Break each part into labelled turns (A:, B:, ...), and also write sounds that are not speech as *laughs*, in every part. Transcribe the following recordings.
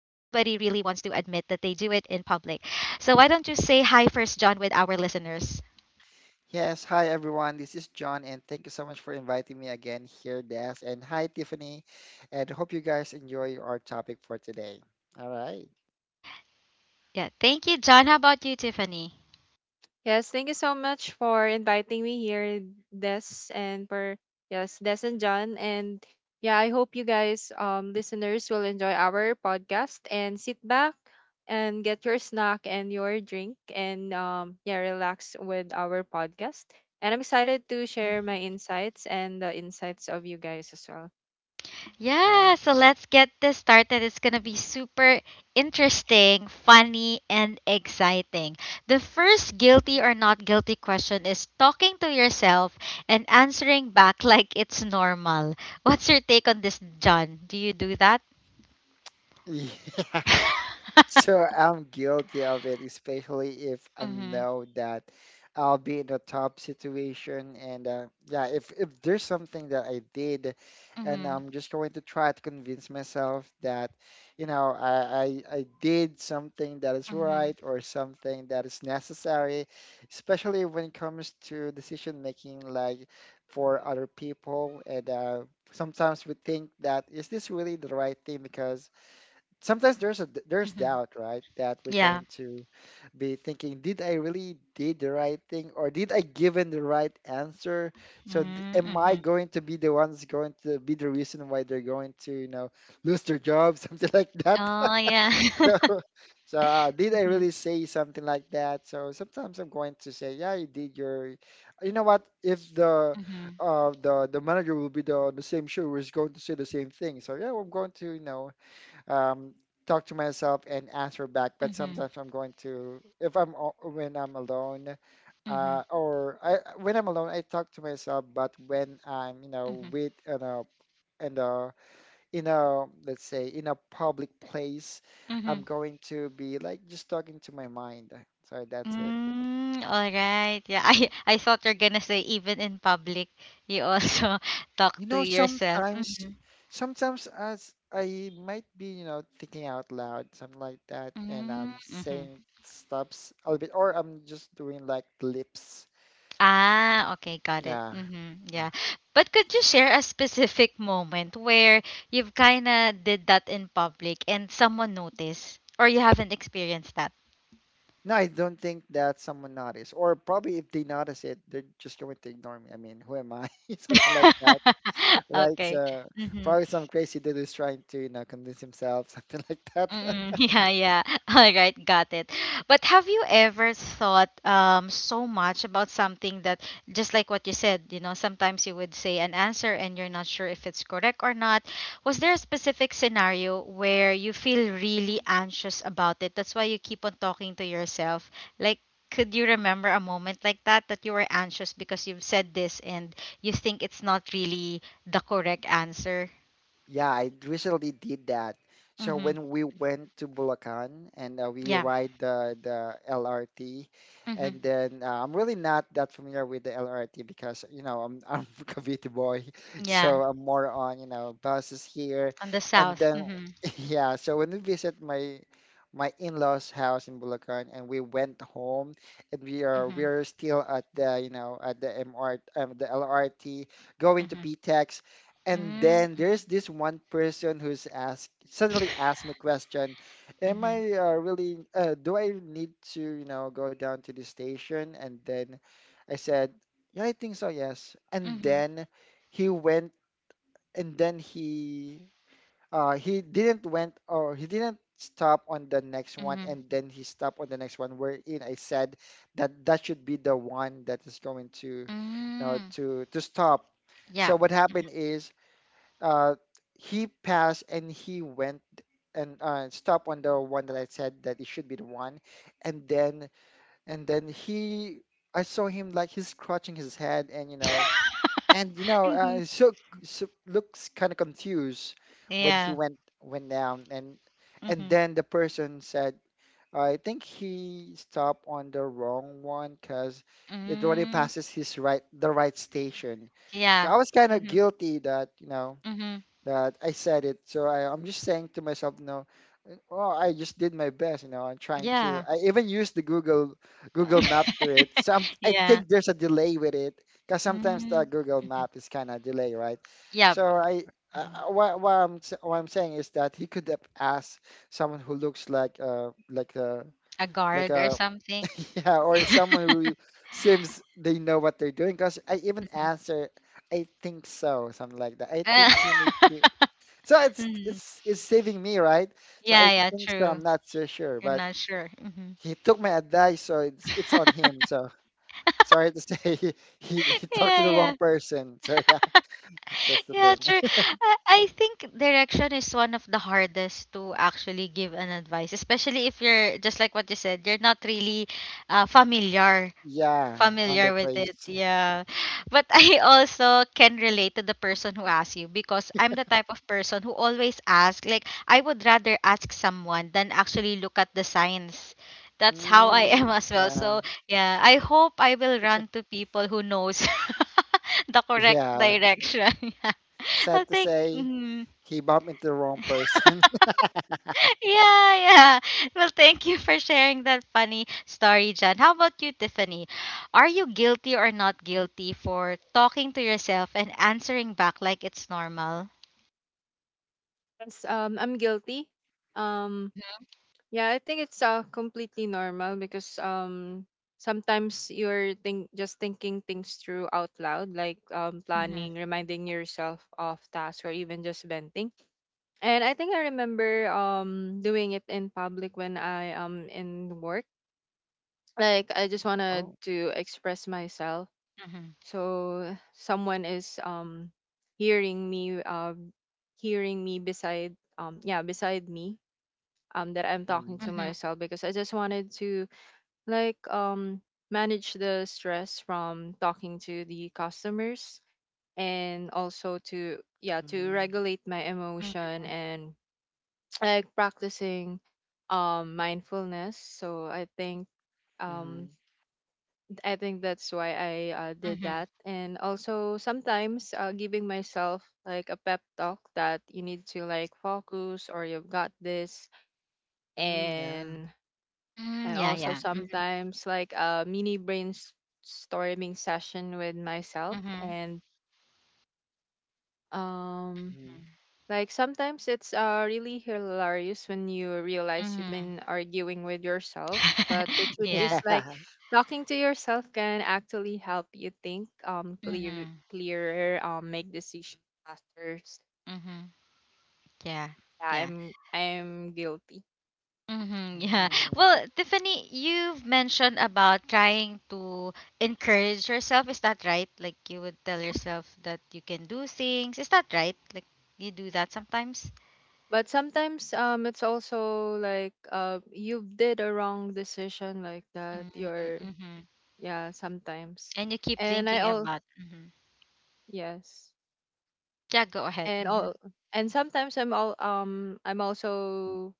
A: that they do it in public. So why don't you say hi first, John, with our listeners?
B: Yes, hi everyone. This is John, and thank you so much for inviting me again here, Des. And hi, Tiffany. And hope you guys enjoy our topic for today. All right.
A: Yeah, thank you, John. How about you, Tiffany?
C: Yes, thank you so much for inviting me here, Des, and for yes, Des and John. And yeah, I hope you guys, listeners, will enjoy our podcast, and sit back and get your snack and your drink and, yeah, relax with our podcast. And I'm excited to share my
A: Mhm.
C: insights and the insights of you guys as well.
B: All
A: Yeah,
B: right.
A: so let's get this started. It's going to be super interesting, funny, and exciting. The first guilty or not guilty question is talking to yourself and answering back *laughs* like it's normal. What's your take on this, John? Do you do that?
B: *laughs* Yeah. So
A: *laughs*
B: I'm guilty of it, especially if I
A: Mm-hmm.
B: know that I'll be in a tough situation. And yeah, if there's something that I did, and
A: Mm-hmm.
B: I'm just going to try to convince myself that, you know, I did something that is
A: Mm-hmm.
B: right or something that is necessary, especially when it comes to decision making, like for other people. And sometimes we think that is this really the right thing, because sometimes there's
A: Mm-hmm.
B: doubt, right, that we're
A: Yeah.
B: going to be thinking, did I really did the right thing, or did I given the right answer? So am I
A: Mm-hmm.
B: going to be the ones going to be the reason why they're going to, you know, lose their job, *laughs* something like that.
A: Oh,
B: *laughs*
A: yeah.
B: so
A: *laughs*
B: so did I
A: Mhm.
B: really say something like that? So sometimes I'm going to say, yeah, you did your, you know, what if the
A: Mhm.
B: the manager will be the same show is going to say the same thing? So yeah, I'm going to, you know, um, talk to myself and answer back. But
A: Mhm.
B: sometimes I'm going to, if I'm when I'm alone,
A: Mhm.
B: uh, or I, when I'm alone, I talk to myself. But when I'm, you know,
A: Mhm.
B: with, you know, in a in a let's say in a public place, I'm
A: Mhm.
B: going to be like just talking to my mind. So that's it.
A: Mm, all right. Yeah, I *laughs* I thought you're gonna say even in public, you also *laughs* talk
B: You
A: to
B: know,
A: yourself.
B: sometimes,
A: Mm-hmm.
B: sometimes as I might be, you know, thinking out loud, something like that, and I'm
A: Mm-hmm.
B: saying stops a little bit, or I'm just doing like lips.
A: Ah, okay, got it.
B: Yeah.
A: Mm-hmm.
B: Yeah.
A: Yeah. But could you share a specific moment where you've kind of did that in public and someone noticed, or you haven't experienced that?
B: No, I don't think that someone noticed, or probably if they notice it, they're just going to ignore me. I mean, who am I? *laughs* Something like that,
A: *laughs*
B: right?
A: Okay.
B: So
A: Mm-hmm.
B: probably some crazy dude is trying to, you know, convince himself, *laughs* something like that.
A: Mm, *laughs* yeah, yeah. *laughs* All right, got it. But have you ever thought so much about something that just like what you said, you know, sometimes you would say an answer and you're not sure if it's correct or not. Was there a specific scenario where you feel really anxious about it? That's why you keep on talking to yourself. Like, could you remember a moment like that that you were anxious because you've said this and you think it's not really the correct answer?
B: Yeah, I recently did that. So
A: Mm-hmm.
B: when we went to Bulacan, and we
A: Yeah.
B: ride the LRT,
A: Mm-hmm.
B: and then I'm really not that familiar with the LRT, because you know I'm *laughs* I'm a Cavite boy,
A: Yeah.
B: so I'm more on, you know, buses here,
A: On the
B: and
A: south.
B: then
A: Mm-hmm.
B: *laughs* yeah. So when we visit my in-laws' house in Bulacan, and we went home, and we are we
A: Mm-hmm.
B: are still at the, you know, at the MR, the LRT going to
A: Mm-hmm.
B: PTEX, and
A: Mm,
B: then there's this one person who's asked suddenly asked me a question, am
A: Mm-hmm.
B: I really do I need to, you know, go down to the station? And then I said, yeah, I think so, yes. And
A: Mm-hmm.
B: then he went, and then he didn't went, or he didn't stop on the next one,
A: Mm-hmm.
B: and then he stopped on the next one, wherein I said that that should be the one that is going to, you know,
A: Mm.
B: to stop.
A: Yeah.
B: So what happened is, uh, he passed and he went and stopped on the one that I said that it should be the one, and then and then he I saw him like he's scratching his head, and you know,
A: *laughs*
B: and you know,
A: Mm-hmm.
B: so looks kind of confused when he
A: Yeah.
B: went down, and
A: Mm-hmm.
B: then the person said I think he stopped on the wrong one, because it already
A: Mm.
B: passes his right the right station. So
A: Yeah.
B: I was kind of
A: Mm-hmm.
B: guilty that, you know,
A: Mm-hmm.
B: that I said it. So I'm just saying to myself, no, well, I just did my best. You know, I'm trying to.
A: Yeah.
B: I even used the Google Map to it. Some
A: *laughs*
B: I
A: Yeah.
B: think there's a delay with it, because sometimes the
A: Mm.
B: Google Map is kind of delay, right?
A: Yeah.
B: So I. Uh,
A: Mm-hmm.
B: what, what I'm s- what I'm saying is that he could have asked someone who looks like uh like a
A: A
B: like
A: guard or
B: a
A: something. *laughs*
B: *laughs* yeah, or someone who seems they know what they're doing, because I even
A: Mhm.
B: answer, I think so, something like that, I
A: Uh,
B: think you need
A: *laughs*
B: to, so it's
A: Mhm.
B: it's it's saving me, right? So
A: Yeah,
B: I
A: yeah,
B: think so. I'm
A: true.
B: not so sure,
A: You're
B: but
A: not sure.
B: he took my advice, so it's on him.
A: *laughs*
B: So sorry to say, *laughs* he talked to the
A: Yeah,
B: wrong person. So yeah, *laughs* that's the
A: yeah,
B: thing.
A: true.
B: *laughs*
A: I think direction is one of the hardest to actually give an advice, especially if you're just like what you said, you're not really familiar
B: Yeah, on the
A: familiar with it,
B: place.
A: yeah, but *laughs* I also can relate to the person who asks you because I'm the type of person who always ask, like I would rather ask someone than actually look at the signs. That's how I *laughs*
B: Mm,
A: am as well.
B: yeah,
A: So yeah, I hope I will run to people who knows *laughs* the correct
B: yeah.
A: direction. *laughs* Yeah, I
B: Sad to
A: think
B: say,
A: mhm.
B: he bumped into the wrong
A: *laughs*
B: person. *laughs*
A: Yeah, yeah. Well, thank you for sharing that funny story, John. How about you, Tiffany? Are you guilty or not guilty for talking to yourself and answering back like it's normal?
C: Yes, I'm guilty. Um,
A: Mhm,
C: Yeah, I think it's completely normal, because sometimes you're think just thinking things through out loud, like
A: mhm,
C: planning, reminding yourself of tasks, or even just venting. And I think I remember doing it in public when I am in work. Like, I just
B: Oh.
C: wanted to express myself,
A: mhm,
C: so someone is hearing me, beside, beside me, that I'm
B: Mm,
C: talking to
A: mhm,
C: myself, because I just wanted to, like, manage the stress from talking to the customers, and also to
B: mm,
C: regulate my
A: mhm,
C: emotion and *tsk* like practicing mindfulness. So I think, um
B: mm,
C: that's why I did
A: mhm.
C: that. And also sometimes, giving myself like a pep talk that you need to, like, focus, or you've got this.
B: mm, yeah.
C: and
A: Mm,
C: and
A: yeah,
C: also
A: yeah. Mhm,
C: sometimes like a mini brainstorming session with myself.
A: mhm,
C: And um
B: Mm,
C: like sometimes it's really hilarious when you realize you've
A: mhm.
C: been arguing with yourself. But the
A: *laughs*
B: *laughs*
C: truth
A: Yeah.
C: is, like,
B: yeah.
C: talking to yourself can actually help you think,
A: Mhm,
C: clearer, make decisions faster. So,
A: mhm. Yeah,
C: yeah,
A: yeah.
C: I'm guilty.
A: Mm-hmm, yeah.
B: Mm,
A: Well, Tiffany, you've mentioned about trying to encourage yourself. Is that right? Like you would tell yourself that you can do things. Is that right? Like you do that sometimes?
C: But sometimes, it's also, like, you did a wrong decision like that. You're
A: Mm-hmm.
C: Yeah, sometimes.
A: And you keep
C: And I
A: thinking
C: all
A: about. Mm-hmm.
C: Yes.
A: Yeah, go ahead.
C: And
A: Mm-hmm.
C: all and sometimes I'm also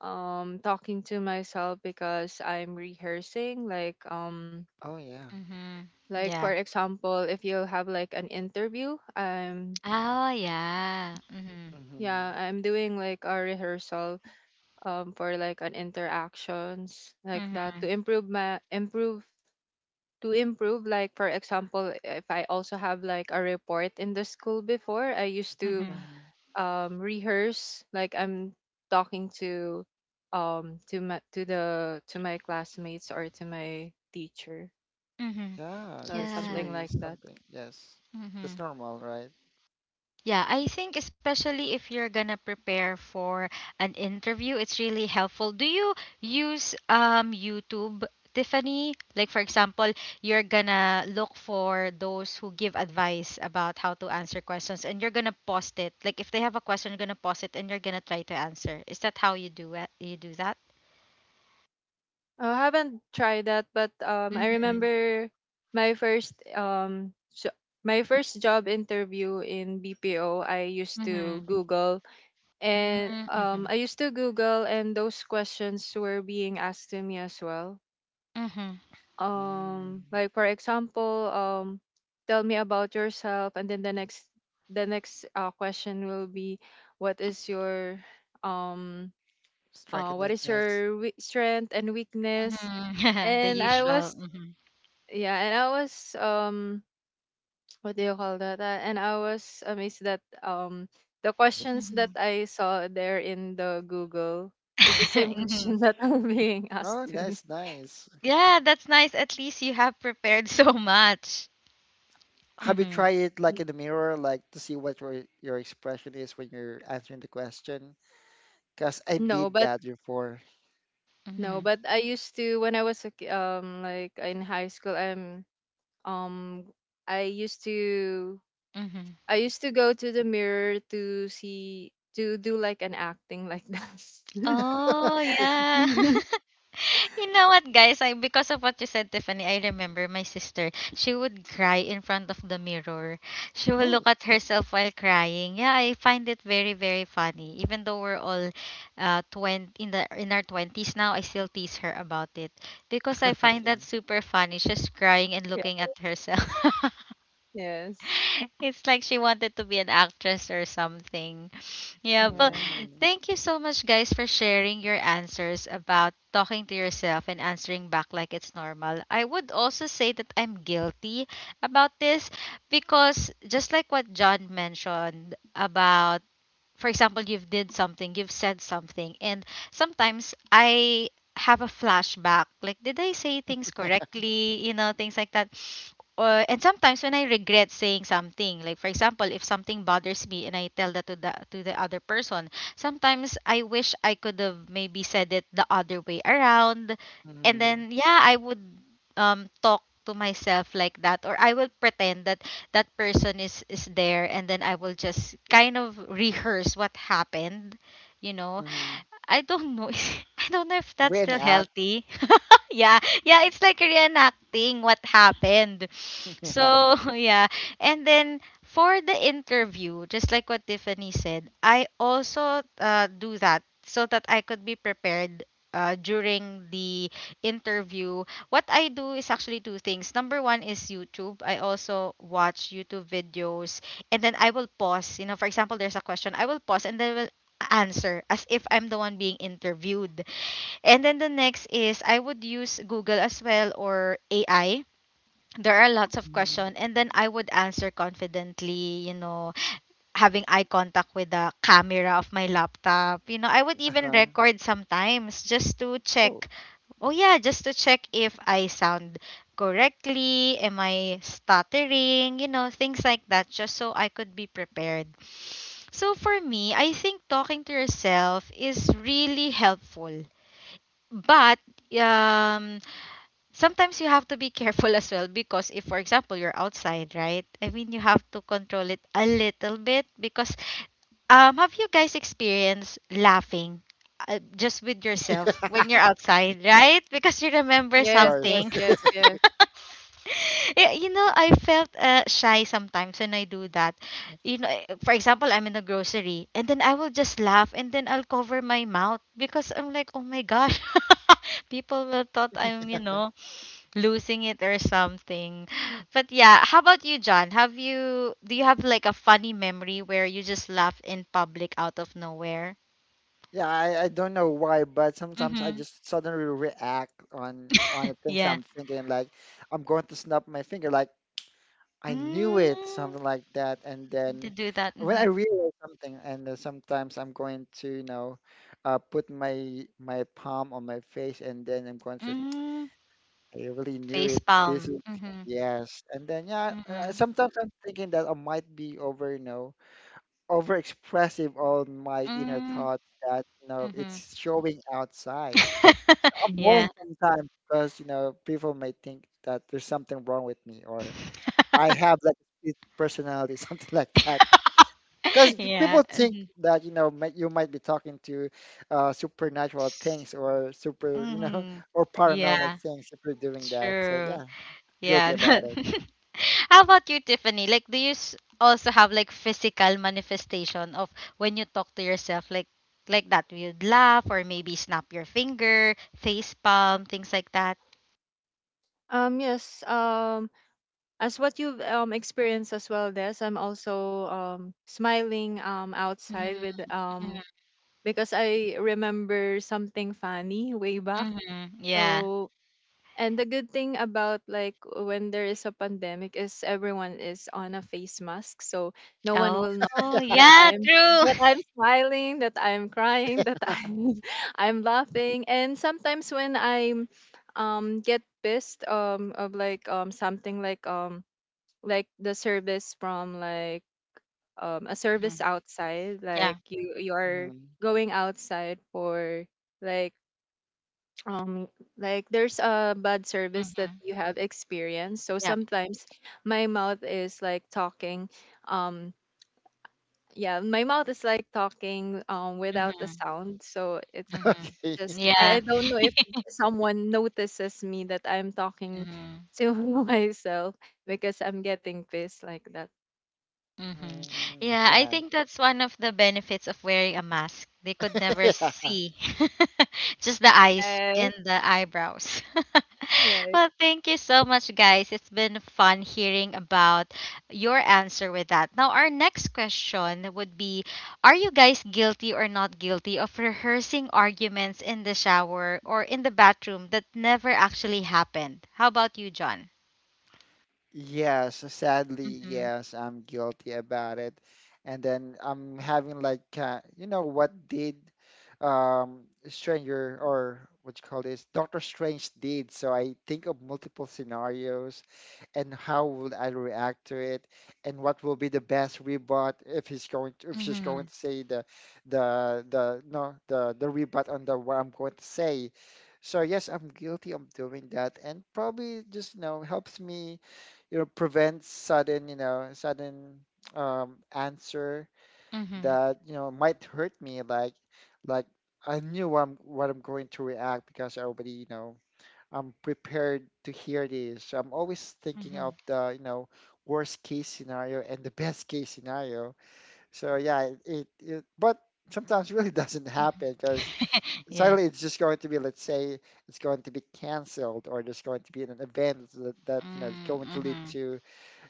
C: talking to myself, because I'm rehearsing, like,
B: oh yeah.
A: Mm-hmm.
C: like, for
A: Yeah.
C: example, if you have like an interview, I'm,
A: Oh, yeah. Mm-hmm.
B: Mm-hmm,
C: doing like a rehearsal, for like an interactions like that, to
A: Mm-hmm.
C: improve my improve to improve. Like, for example, if I also have like a report in the school before, I used to
A: Mm-hmm.
B: mm-hmm.
C: rehearse, like, I'm talking to my classmates or to my teacher,
A: Mm-hmm.
B: Yeah, that's
A: Yeah.
C: something
B: really
C: like that.
B: something. Yes. That's
A: Mm-hmm.
B: normal, right?
A: Yeah, I think especially if you're gonna prepare for an interview, it's really helpful. Do you use YouTube, Tiffany? Like for example, you're gonna look for those who give advice about how to answer questions and you're gonna post it. Like if they have a question, you're gonna post it and you're gonna try to answer. Is that how you do it? You do that?
C: Oh, I haven't tried that, but I
A: Mm-hmm.
C: remember my first job interview in BPO. I used to
A: Mm-hmm.
C: Google, and
A: Mm-hmm.
C: those questions were being asked to me as well.
A: Mm-hmm. Mm-hmm.
B: Mm.
C: Like, for example, tell me about yourself, and then the next question will be, what is your um
B: Strength and weakness.
C: strength and weakness?
A: *laughs* The
C: And I
B: Mhm.
A: usual.
C: was,
A: Mm-hmm.
C: yeah, and I was um *tsk* what do you call that? And I was amazed that the questions
A: Mm-hmm.
C: that I saw there in the Google is the same *laughs* question
A: *laughs*
C: that are being asked
B: Oh,
C: to me.
B: that's nice.
A: Yeah, that's nice. At least you have prepared *laughs* so much.
B: Have you
A: Mhm.
B: tried it like in the mirror, like to see what your expression is when you're answering the question? Because I
C: No,
B: did
C: but
B: that before.
A: Mhm.
C: I used to when I was like, in high school. Um I used to
A: Mhm.
C: I used to go to the mirror, to do like an acting like that. *laughs*
A: Oh,
B: *laughs*
A: yeah.
C: *laughs*
A: *laughs* You know what, guys? I Because of what you said, Tiffany, I remember my sister. She would cry in front of the mirror. She will
B: Oh.
A: look at herself while crying. Yeah, I find it very, very funny. Even though we're all 20 in the in our 20s now, I still tease her about it because I find that
B: Okay.
A: super funny. She's crying and
C: Yeah.
A: looking at herself. *laughs*
C: Yes.
A: *laughs* It's like she wanted to be an actress or something. Yeah, but
C: Yeah.
B: Mm.
A: thank you so much, guys, for sharing your answers about talking to yourself and answering back like it's normal. I would also say that I'm guilty about this because, just like what John mentioned, about, for example, you've did something, you've said something, and sometimes I have a flashback, like did I say things
B: *laughs*
A: correctly, you know, things like that. Or and sometimes when I regret saying something, like for example if something bothers me and I tell that to the other person, sometimes I wish I could have maybe said it the other way around. And
B: Mm-hmm.
A: then yeah, I would talk to myself like that, or I will pretend that that person is there, and then I will just kind of rehearse what happened, you know.
B: Mm-hmm.
A: I don't know. *laughs* I don't know if that's still
B: Reenact.
A: healthy. *laughs* Yeah. Yeah, it's like reenacting what happened.
B: *laughs* Yeah.
A: So, *laughs* yeah. And then for the interview, just like what Tiffany said, I also do that so that I could be prepared during the interview. What I do is actually two things. Number one is YouTube. I also watch YouTube videos and then I will pause. You know, for example, there's a question. I will pause and then will answer as if I'm the one being interviewed. And then the next is I would use Google as well or AI. There are lots of
B: Mm-hmm.
A: questions, and then I would answer confidently, you know, having eye contact with the camera of my laptop. You know, I would even
B: Uh-huh.
A: record sometimes just to
B: Oh,
A: check. Oh yeah, just to check if I sound correctly, am I stuttering, you know, things like that, just so I could be prepared. So for me, I think talking to yourself is really helpful. But um sometimes you have to be *laughs* careful as well, because if for example you're outside, right? I mean you have to control it a little bit because, have you guys experienced laughing just with yourself when you're outside, right? Because you remember
B: of
C: Yes.
B: course.
C: Yes.
A: something. *laughs*
C: Yes. Yes.
A: Yeah, you know, I felt shy sometimes when I do that. You know, for example, I'm in the grocery and then I will just laugh and then I'll cover my mouth because I'm like, oh my gosh, *laughs* people will thought I'm, you know, losing it or something. *sighs* But yeah, how about you, John? Have you Do you have like a funny memory where you just laugh in public out of nowhere?
B: Yeah, I don't know why, but sometimes I
A: Mm-hmm.
B: just suddenly react on the things
A: Yeah.
B: I'm thinking, like I'm going to snap my finger, like I knew it,
A: Mm,
B: something like that. And
A: to
B: then
A: do that.
B: when I
A: Mm-hmm.
B: realize something, and then sometimes I'm going to, you know, put my palm on my face, and then I'm going to,
A: Mm-hmm.
B: I really knew
A: Face
B: it. This
A: palm.
B: is
A: Mm-hmm.
B: yes. And then yeah,
A: Mm-hmm.
B: sometimes I'm thinking that I might be over, you know, overexpressive on my inner
A: Mm,
B: thoughts that, you know,
A: Mm-hmm.
B: it's showing outside.
A: *laughs*
B: I'm worrying
A: Yeah.
B: sometimes because, you know, people may think that there's something wrong with me, or I
A: *laughs*
B: have like a personality, *laughs* something like that. Because
A: Yeah.
B: people think
A: Mm-hmm.
B: that, you know, you might be talking to supernatural things or super, you know,
A: Mm-hmm.
B: *laughs* or paranormal
A: Yeah.
B: things if you're doing that. So
A: True.
B: yeah, guilty
A: Yeah.
B: about it.
A: *laughs* How about you, Tiffany? Like, do you also have like physical manifestation of when you talk to yourself, like that? You'd laugh or maybe snap your finger, face palm, things like that.
C: Yes, as what you've experienced as well, Des, I'm also smiling, outside,
A: Mm-hmm.
C: with, because I remember something funny way back.
A: Mm-hmm. Yeah.
C: So and the good thing about, like, when there is a pandemic is everyone is on a face mask, so no one
A: Oh.
C: will
A: Oh.
C: notice that
A: Yeah.
C: I'm
A: True.
C: that
A: *laughs*
C: I'm smiling, that I'm crying, that I'm *laughs* I'm laughing. And sometimes when I'm, get pissed, of, like, something, like, like the service from, a
A: Mm-hmm.
C: service outside,
A: Yeah.
C: like, you are
B: Mhm.
C: going outside for, like um like, there's a bad service that
A: Mm-hmm.
C: you have experienced. So
A: Yeah.
C: sometimes my mouth is like talking, um without a
A: Mm-hmm.
C: sound. So it's
B: *laughs*
A: Mm-hmm.
B: Okay.
C: just,
B: *laughs*
C: i
A: Yeah.
C: I don't know if someone notices me that I'm talking
A: Mm-hmm.
C: to *laughs* myself, because I'm getting pissed like that.
A: Mm-hmm.
B: Mm,
A: Yeah, I think that's one of the benefits of wearing a mask. They could
B: *laughs*
A: never
B: yeah.
A: see *laughs* just the eyes
C: Yes,
A: and the eyebrows. *laughs*
C: right.
A: Well, thank you so much, guys. It's been fun hearing about your answer with that. Now, our next question would be, are you guys guilty or not guilty of rehearsing arguments in the shower or in the bathroom that never actually happened? How about you, John?
B: Yes, sadly,
A: Mm-hmm.
B: yes, I'm guilty about it. And then I'm having like, you know, what did Stranger, or what you call this, Doctor Strange did. So I think of multiple scenarios and how will I react to it, and what will be the best rebut if he's going to, if she's going
A: Mm-hmm.
B: to say the no the the rebut on the what I'm going to say. So yes, I'm guilty of doing that, and probably just, you know, helps me, you know, prevents sudden, you know, sudden answer
A: Mm-hmm.
B: that, you know, might hurt me, like like I knew I'm what I'm going to react, because I already, you know, I'm prepared to hear this, so I'm always thinking of
A: Mm-hmm.
B: the, you know, worst case scenario and the best case scenario. So yeah, it but sometimes really *laughs* doesn't happen, because
A: *laughs* Yeah.
B: suddenly it's just going to be, let's say, it's going to be canceled, or there's going to be an event that, you know, is
A: Mm,
B: going to lead
A: mhm.
B: to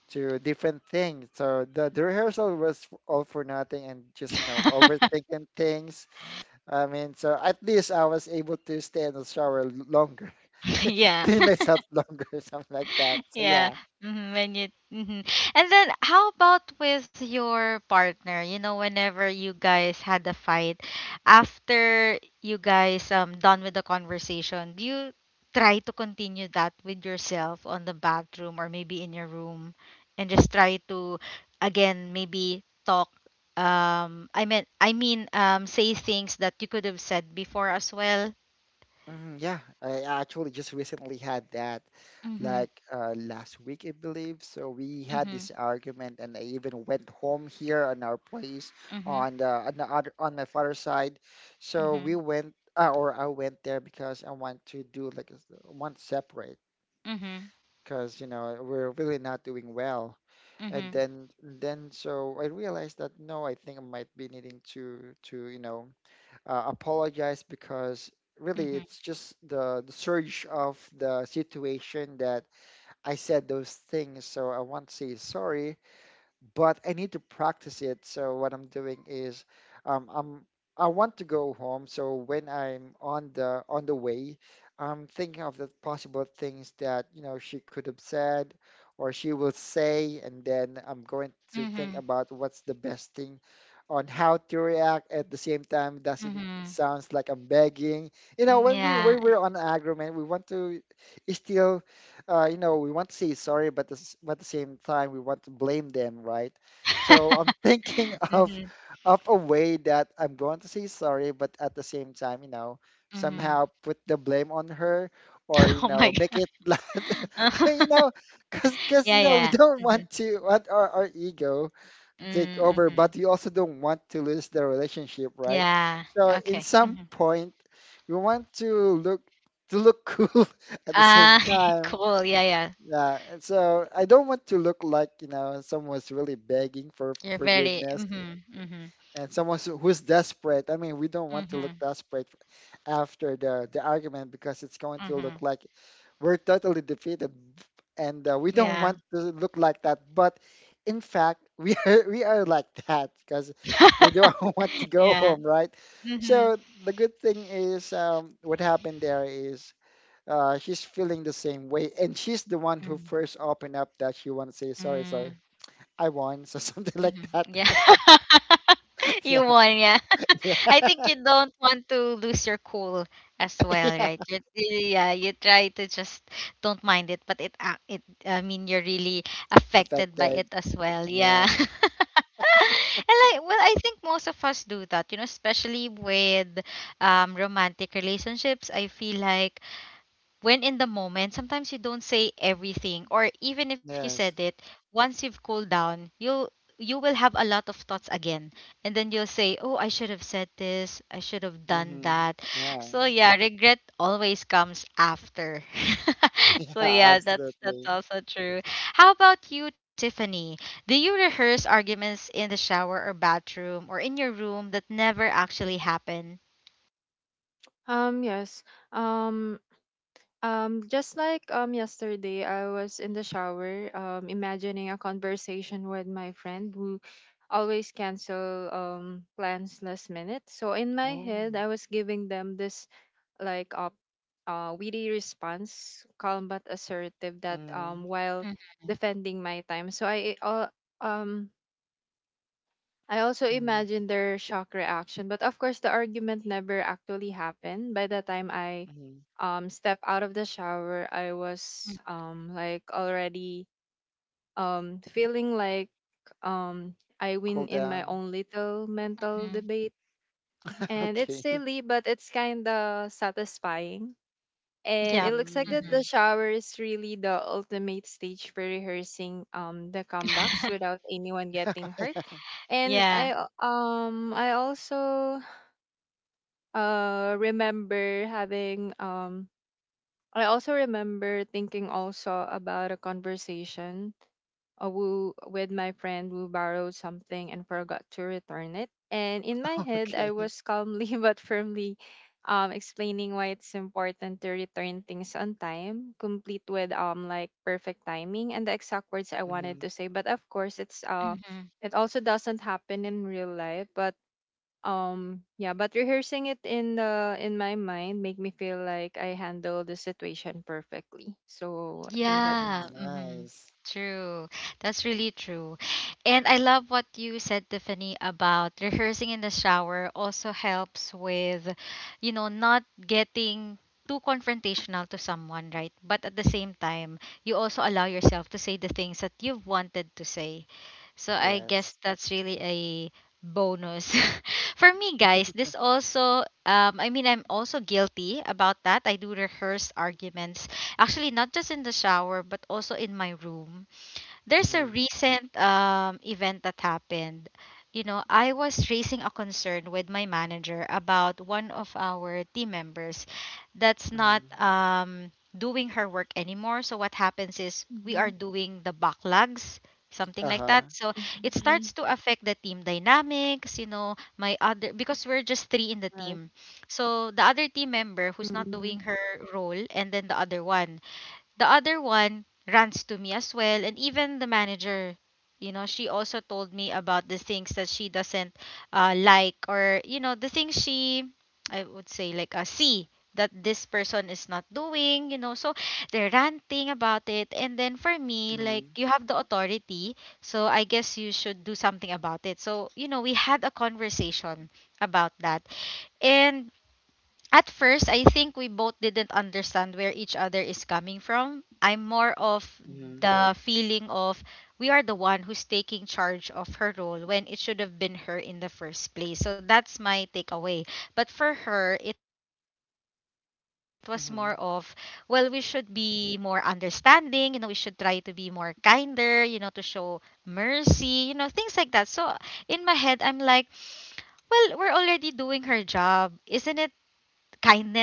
B: different things. So the rehearsal was all for nothing, and just, you know,
A: *laughs*
B: overthinking things. I mean, so at least I was able to stay in the shower longer, *laughs*
A: Yeah.
B: clean
A: *laughs*
B: myself longer, *laughs* something like that. So
A: Yeah.
B: yeah,
A: When you and then how about with your partner? You know, whenever you guys had a fight, after you guys done with the conversation, do you try to continue that with yourself on the bathroom or maybe in your room and just try to again maybe talk, I mean, say things that you could have said before as well.
B: mhm, yeah, I actually just recently had that, like last week, I believe. So we had
A: Mhm.
B: this argument, and I even went home here on our place
A: Mhm.
B: on the other on my father's side. So we
A: Mhm.
B: went, or I went there because I want to do like a want to separate,
A: Mhm.
B: because you know we're really not doing well. And
A: Mhm.
B: then so I realized that no, I think I might be needing to you know apologize, because really
A: Mhm.
B: it's just the surge of the situation that I said those things. So I want to say sorry, but I need to practice it. So what I'm doing is, I'm I want to go home. So when I'm on the way, I'm thinking of the possible things that, you know, she could have said or she will say, and then I'm going to think
A: Mhm.
B: about what's the best thing on how to react, at the same time doesn't
A: Mhm.
B: sounds like I'm begging. You know, when we
A: Yeah.
B: when we're on an agreement, we want to still you know, we want to say sorry, but this, but at the same time, we want to blame them, right? So I'm
A: *laughs*
B: thinking *laughs* of
A: Mhm.
B: a way that I'm going to say sorry, but at the same time, you know,
A: Mhm.
B: somehow put the blame on her, or
A: *laughs*
B: you
A: Oh my
B: know, make
A: god.
B: it, *laughs* like- I- you know,
A: *laughs*
B: because you
A: Yeah,
B: know, we
A: yeah.
B: don't
A: Mhm.
B: want to want our ego take
A: Mm,
B: over,
A: mhm.
B: but we also don't want to lose the relationship, right?
A: Yeah.
B: So in
A: Okay.
B: some
A: Mhm.
B: point, we want look to look *laughs* cool at the same
A: Ah, *laughs*
B: time.
A: cool. Yeah, yeah.
B: Yeah, and so I don't want to look like, someone's really begging for
A: You're very
B: forgiveness
A: mhm. Mhm.
B: and who's desperate. I mean, we don't want to look
A: Mhm.
B: desperate after the argument because it's going to look
A: Mhm.
B: like we're totally defeated, and we don't want
A: Yeah.
B: to look like that. But in fact, we *laughs* are we are like that because we don't *laughs*
A: *laughs*
B: want to go
A: Yeah.
B: home, right?
A: Mhm.
B: So the good thing is, what happened there is, she's feeling the same way, and she's the one who
A: Mhm.
B: first opened up that she want to say sorry. Sorry,
A: Mm.
B: I won, so *laughs* something like
A: Mhm.
B: that.
A: Yeah. *laughs*
B: *laughs* yeah,
A: You won, yeah.
B: yeah,
A: *laughs* I think you don't want to lose your cool as well,
B: yeah.
A: right? You, yeah, you try to just don't mind it, but it it, I mean you're really affected by
B: Affected.
A: it as well.
B: Yeah.
A: Yeah. *laughs* And like, well, I think most of us do that, you know, especially with romantic relationships. I feel like when in the moment, sometimes you don't say everything, or even if you said
B: Yes.
A: it, once you've cooled down, you will have a lot of thoughts again. And then you'll say, oh, I should have said this, I should have done
B: Mm-hmm.
A: that.
B: Yeah.
A: So
B: *laughs*
A: yeah, regret always comes after. *laughs*
B: Yeah.
A: So yeah, that's
B: Absolutely.
A: also true. How about you, Tiffany? Do you rehearse arguments in the shower or bathroom or in your room that never actually happen?
C: Yes. um just like yesterday, I was in the shower, imagining a conversation with my friend who always cancel plans last minute. So in my
B: Oh.
C: head, I was giving them this, like uh, witty response, calm but assertive, that
B: Mm-hmm.
C: while defending my time. So I um also
B: Mm-hmm.
C: imagine their shock reaction, but of course the argument never actually happened. By the time I
B: Hmm.
C: step out of the shower, I
A: Mm-hmm.
C: was like already feeling like I
B: Cool
C: win in my
B: down.
C: own little mental debate.
B: *laughs*
C: And it's
B: okay.
C: silly, but it's kind of satisfying, and
A: Yep.
C: it looks like that
B: Mm.
A: Mm-hmm.
C: the shower is really the ultimate stage for rehearsing the comebacks without anyone
B: *laughs*
C: getting hurt.
A: *laughs*
C: And
A: Yeah.
C: I also remember thinking also about a conversation with my friend who borrowed something and forgot to return it. And in my head, I
B: Okay.
C: was calmly *laughs* but firmly explaining why it's important to return things on time, complete with like perfect timing and the exact words I
B: Mm-hmm.
C: wanted to say. But of course,
A: Mm-hmm.
C: it also doesn't happen in real life. But rehearsing it in my mind make me feel like I handle the situation perfectly, so I think that's.
B: Mm.
A: Yeah. Mm-hmm.
B: Nice.
A: True. That's really true. And I love what you said, Tiffany, about rehearsing in the shower also helps with, you know, not getting too confrontational to someone, right? But at the same time, you also allow yourself to say the things that you've wanted to say. So I
B: Yes.
A: guess that's really a bonus. *laughs* For me, guys, this also, I mean, I'm also guilty about that. I do rehearse arguments, actually, not just in the shower, but also in my room. There's a
B: Mm-hmm.
A: recent event that happened. You know, I was raising a concern with my manager about one of our team members that's not
B: Mm-hmm.
A: doing her work anymore. So what happens is we
C: Mm-hmm.
A: are doing the backlogs, something
B: Uh
A: like that.
B: huh.
A: So it starts to affect the team dynamics. You know, my other, because we're just three in the team, so the other team member who's not doing
C: Mhm.
A: her role, and then the other one. The other one runs to me as well, and even the manager, you know, she also told me about the things that she doesn't like, or you know, the things she, I would say like see that this person is not doing, you know. So they're ranting about it, and then for me, like,
B: Mm-hmm.
A: you have the authority, so I guess you should do something about it. So you know, we had a conversation about that, and at first, I think we both didn't understand where each other is coming from. I'm more of
B: Mm-hmm.
A: the feeling of we are the one who's taking charge of her role when it should have been her in the first place. So that's my takeaway. But for her, it was more of, well, we should be more understanding, you know, we should try to be more kinder, you know, to show mercy, you know, things like that. So in my head, I'm like, well, we're already doing her job. Isn't it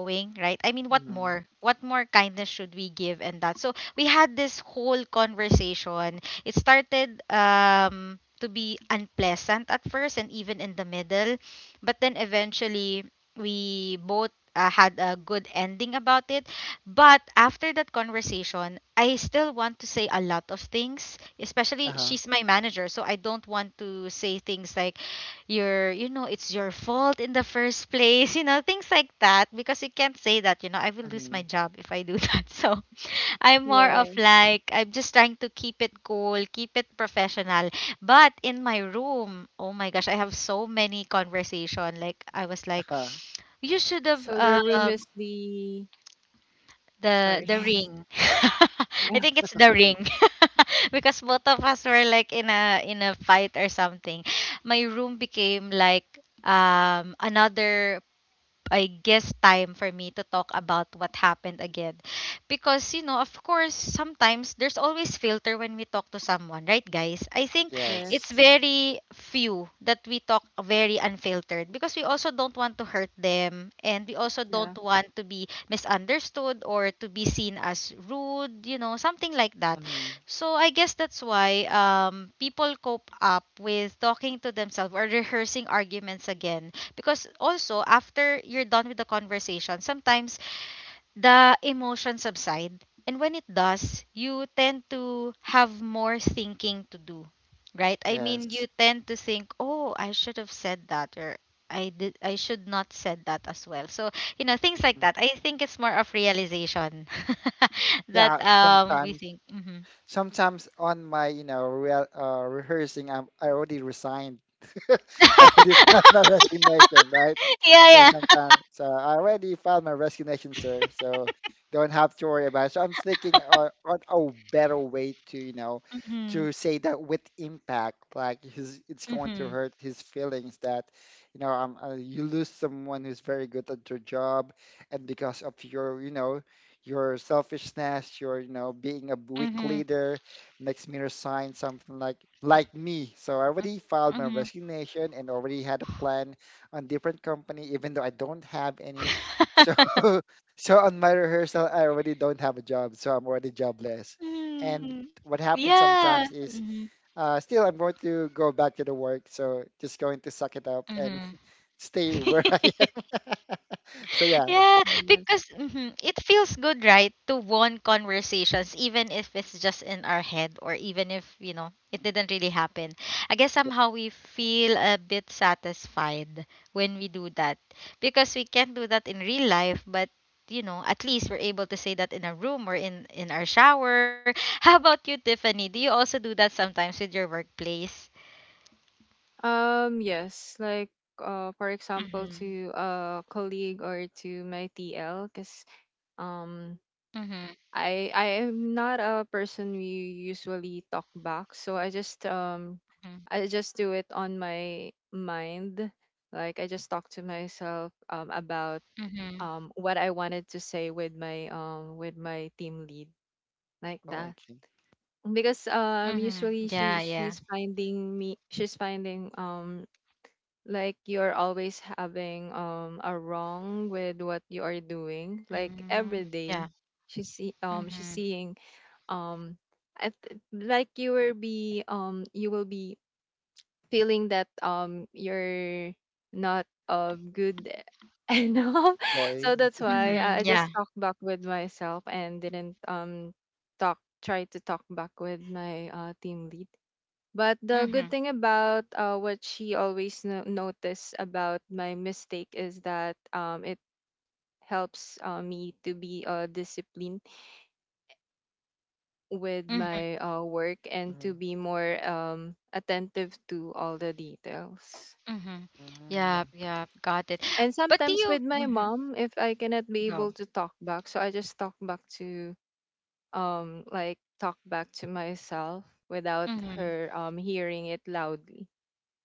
A: kindness that we're showing,
B: Mm-hmm.
A: right? I mean, what more? What more kindness should we give and that? So we had this whole conversation. It started to be unpleasant at first and even in the middle, but then eventually we both had a good ending about it. But after that conversation, I still want to say a lot of things,
B: Uh
A: especially
B: huh.
A: she's my manager, so I don't want to say things like, your, you know, it's your fault in the first place, you know, things like that, because you can't say that, you know, I will lose my
B: Hmm.
A: job if I do *laughs* that. So I'm more of
C: Yeah.
A: like, I'm just trying to keep it cool, keep it professional. But in my room, oh my gosh, I have so many conversation. Like, I was like,
B: *laughs*
A: you should have
C: So the room
A: um
C: is the,
A: the
C: sorry.
A: the
C: *laughs*
A: ring. *laughs* I
C: Yeah.
A: think it's the ring. *laughs* Because both of us were like in a fight or something. My room became like another, I guess, time for me to talk about what happened again. Because, you know, of course, sometimes there's always filter when we talk to someone, right, guys? I think it's
B: Yes.
C: Yes.
A: very few that we talk very unfiltered because we also don't want to hurt them and we also don't
C: Yeah.
A: want to be misunderstood or to be seen as rude, you know, something like that.
B: Hmm.
A: So I guess that's why people cope up with talking to themselves or rehearsing arguments again, because also, after you're done with the conversation, sometimes the emotion subside. And when it does, you tend to have more thinking to do, right? I mean,
B: Yes.
A: you tend to think, oh, I should have said that, or I did, I should not said that as well. So, you know, things like
B: Mm-hmm.
A: that. I think it's more of realization *laughs* that
B: Yeah,
A: we
B: sometimes
A: think. Hmm.
B: sometimes on my rehearsing, I already resigned. *laughs* I already filed my
A: *laughs*
B: resignation, right?
A: Yeah,
B: So
A: yeah.
B: sometimes, so I already filed my resignation, sir, so don't have to worry about it. So I'm thinking on a better way to, you know, to
A: Mm-hmm.
B: say that with impact, like his, it's going to
A: Mm-hmm.
B: hurt his feelings that, you know, you lose someone who's very good at their job and because of your, you know, your selfishness, your, you know, being a weak
A: Mm-hmm.
B: leader makes me resign, something like me. So I already filed my
A: Mm-hmm.
B: resignation and already had a plan on different company, even though I don't have any. So, *laughs* so
A: *laughs*
B: on my rehearsal, I already don't have a job, so I'm already jobless. And
A: Mm,
B: what happens
A: yeah.
B: sometimes is,
A: Mhm,
B: still I'm going to go back to the work, so just going to suck it up and
A: mhm.
B: *laughs* stay where
A: *laughs*
B: I am. *laughs* so yeah.
A: Yeah,
C: Yes.
A: because it feels good, right, to want conversations, even if it's just in our head or even if, you know, it didn't really happen. I guess somehow we feel a bit satisfied when we do that because we can't do that in real life, but you know, at least we're able to say that in a room or in our shower. *laughs* How about you, Tiffany? Do you also do that sometimes with your workplace?
C: Yes, like, for example,
A: Mm-hmm.
C: to a colleague or to my TL, because um I am not a person who usually talk back, so I just
A: Mhm.
C: do it on my mind. Like, I just talk to myself about
A: Mhm.
C: what I wanted to say with my, with my team lead, like that.
B: Okay,
C: Because
A: Mhm.
C: usually
A: Yeah,
C: she
A: yeah.
C: she's finding me, she's finding like, you're always having a wrong with what you are doing, like, every
A: Mhm.
C: day.
A: Yeah.
C: She's
A: Mhm.
C: seeing, um like, you will be feeling that you're not good *laughs* enough.
B: boy.
C: So that's why
A: Mhm.
C: I
A: Yeah.
C: just talked back with myself, and didn't talk try to talk back with my, team lead. But
A: Mhm.
C: the good thing about, what she always noticed about my mistake, is that it helps me to be, disciplined with
A: Mhm.
C: my, work, and to
B: *laughs*
C: be more, attentive to all the details.
A: Mhm. Yep,
B: Mm,
A: yep. Got it.
C: And
A: But do
C: sometimes
A: you
C: with my mom, if I cannot be
A: go?
C: able to talk back, so I just talk back to, myself without
A: Mhm.
C: her hearing it loudly.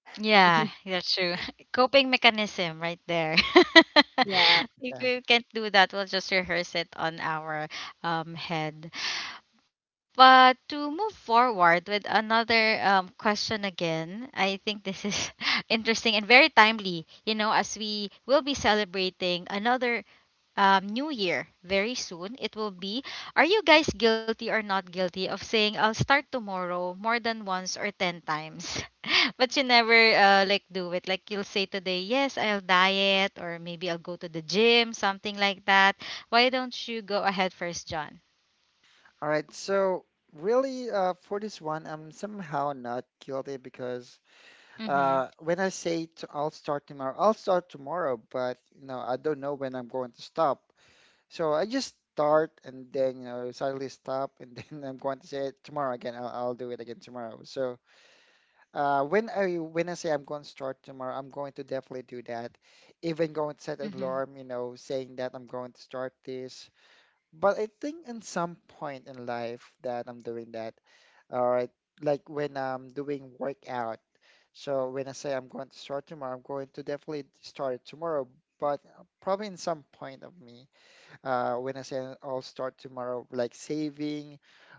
A: Yeah,
C: *laughs*
A: that's true. *laughs* Coping mechanism right there. *laughs*
C: Yeah.
A: If
B: okay.
A: you can't do that, we'll just rehearse it on our head. But to move forward with another question again, I think this is *laughs* interesting and very timely, you know, as we will be celebrating another new year very soon. It will be. Are you guys guilty or not guilty of saying I'll start tomorrow more than once or 10 times? *laughs* But you never like do it. Like, you'll say today, yes, I'll diet, or maybe I'll go to the gym, something like that. Why don't you go ahead first, John?
B: All right. So really, for this one, I'm somehow not guilty because
A: Mm hmm.
B: when I say to, I'll start tomorrow, but you know, I don't know when I'm going to stop. So I just start and then you know suddenly stop and *laughs* then I'm going to say tomorrow again. I'll do it again tomorrow. So when I say I'm going to start tomorrow, I'm going to definitely do that. Even going to set
A: Mm
B: an
A: hmm.
B: alarm, you know, saying that I'm going to start this. But I think in some point in life that I'm doing that, or like when I'm doing workout. So when I say I'm going to start tomorrow, I'm going to definitely start tomorrow. But probably in some point of me, when I say I'll start tomorrow, like saving,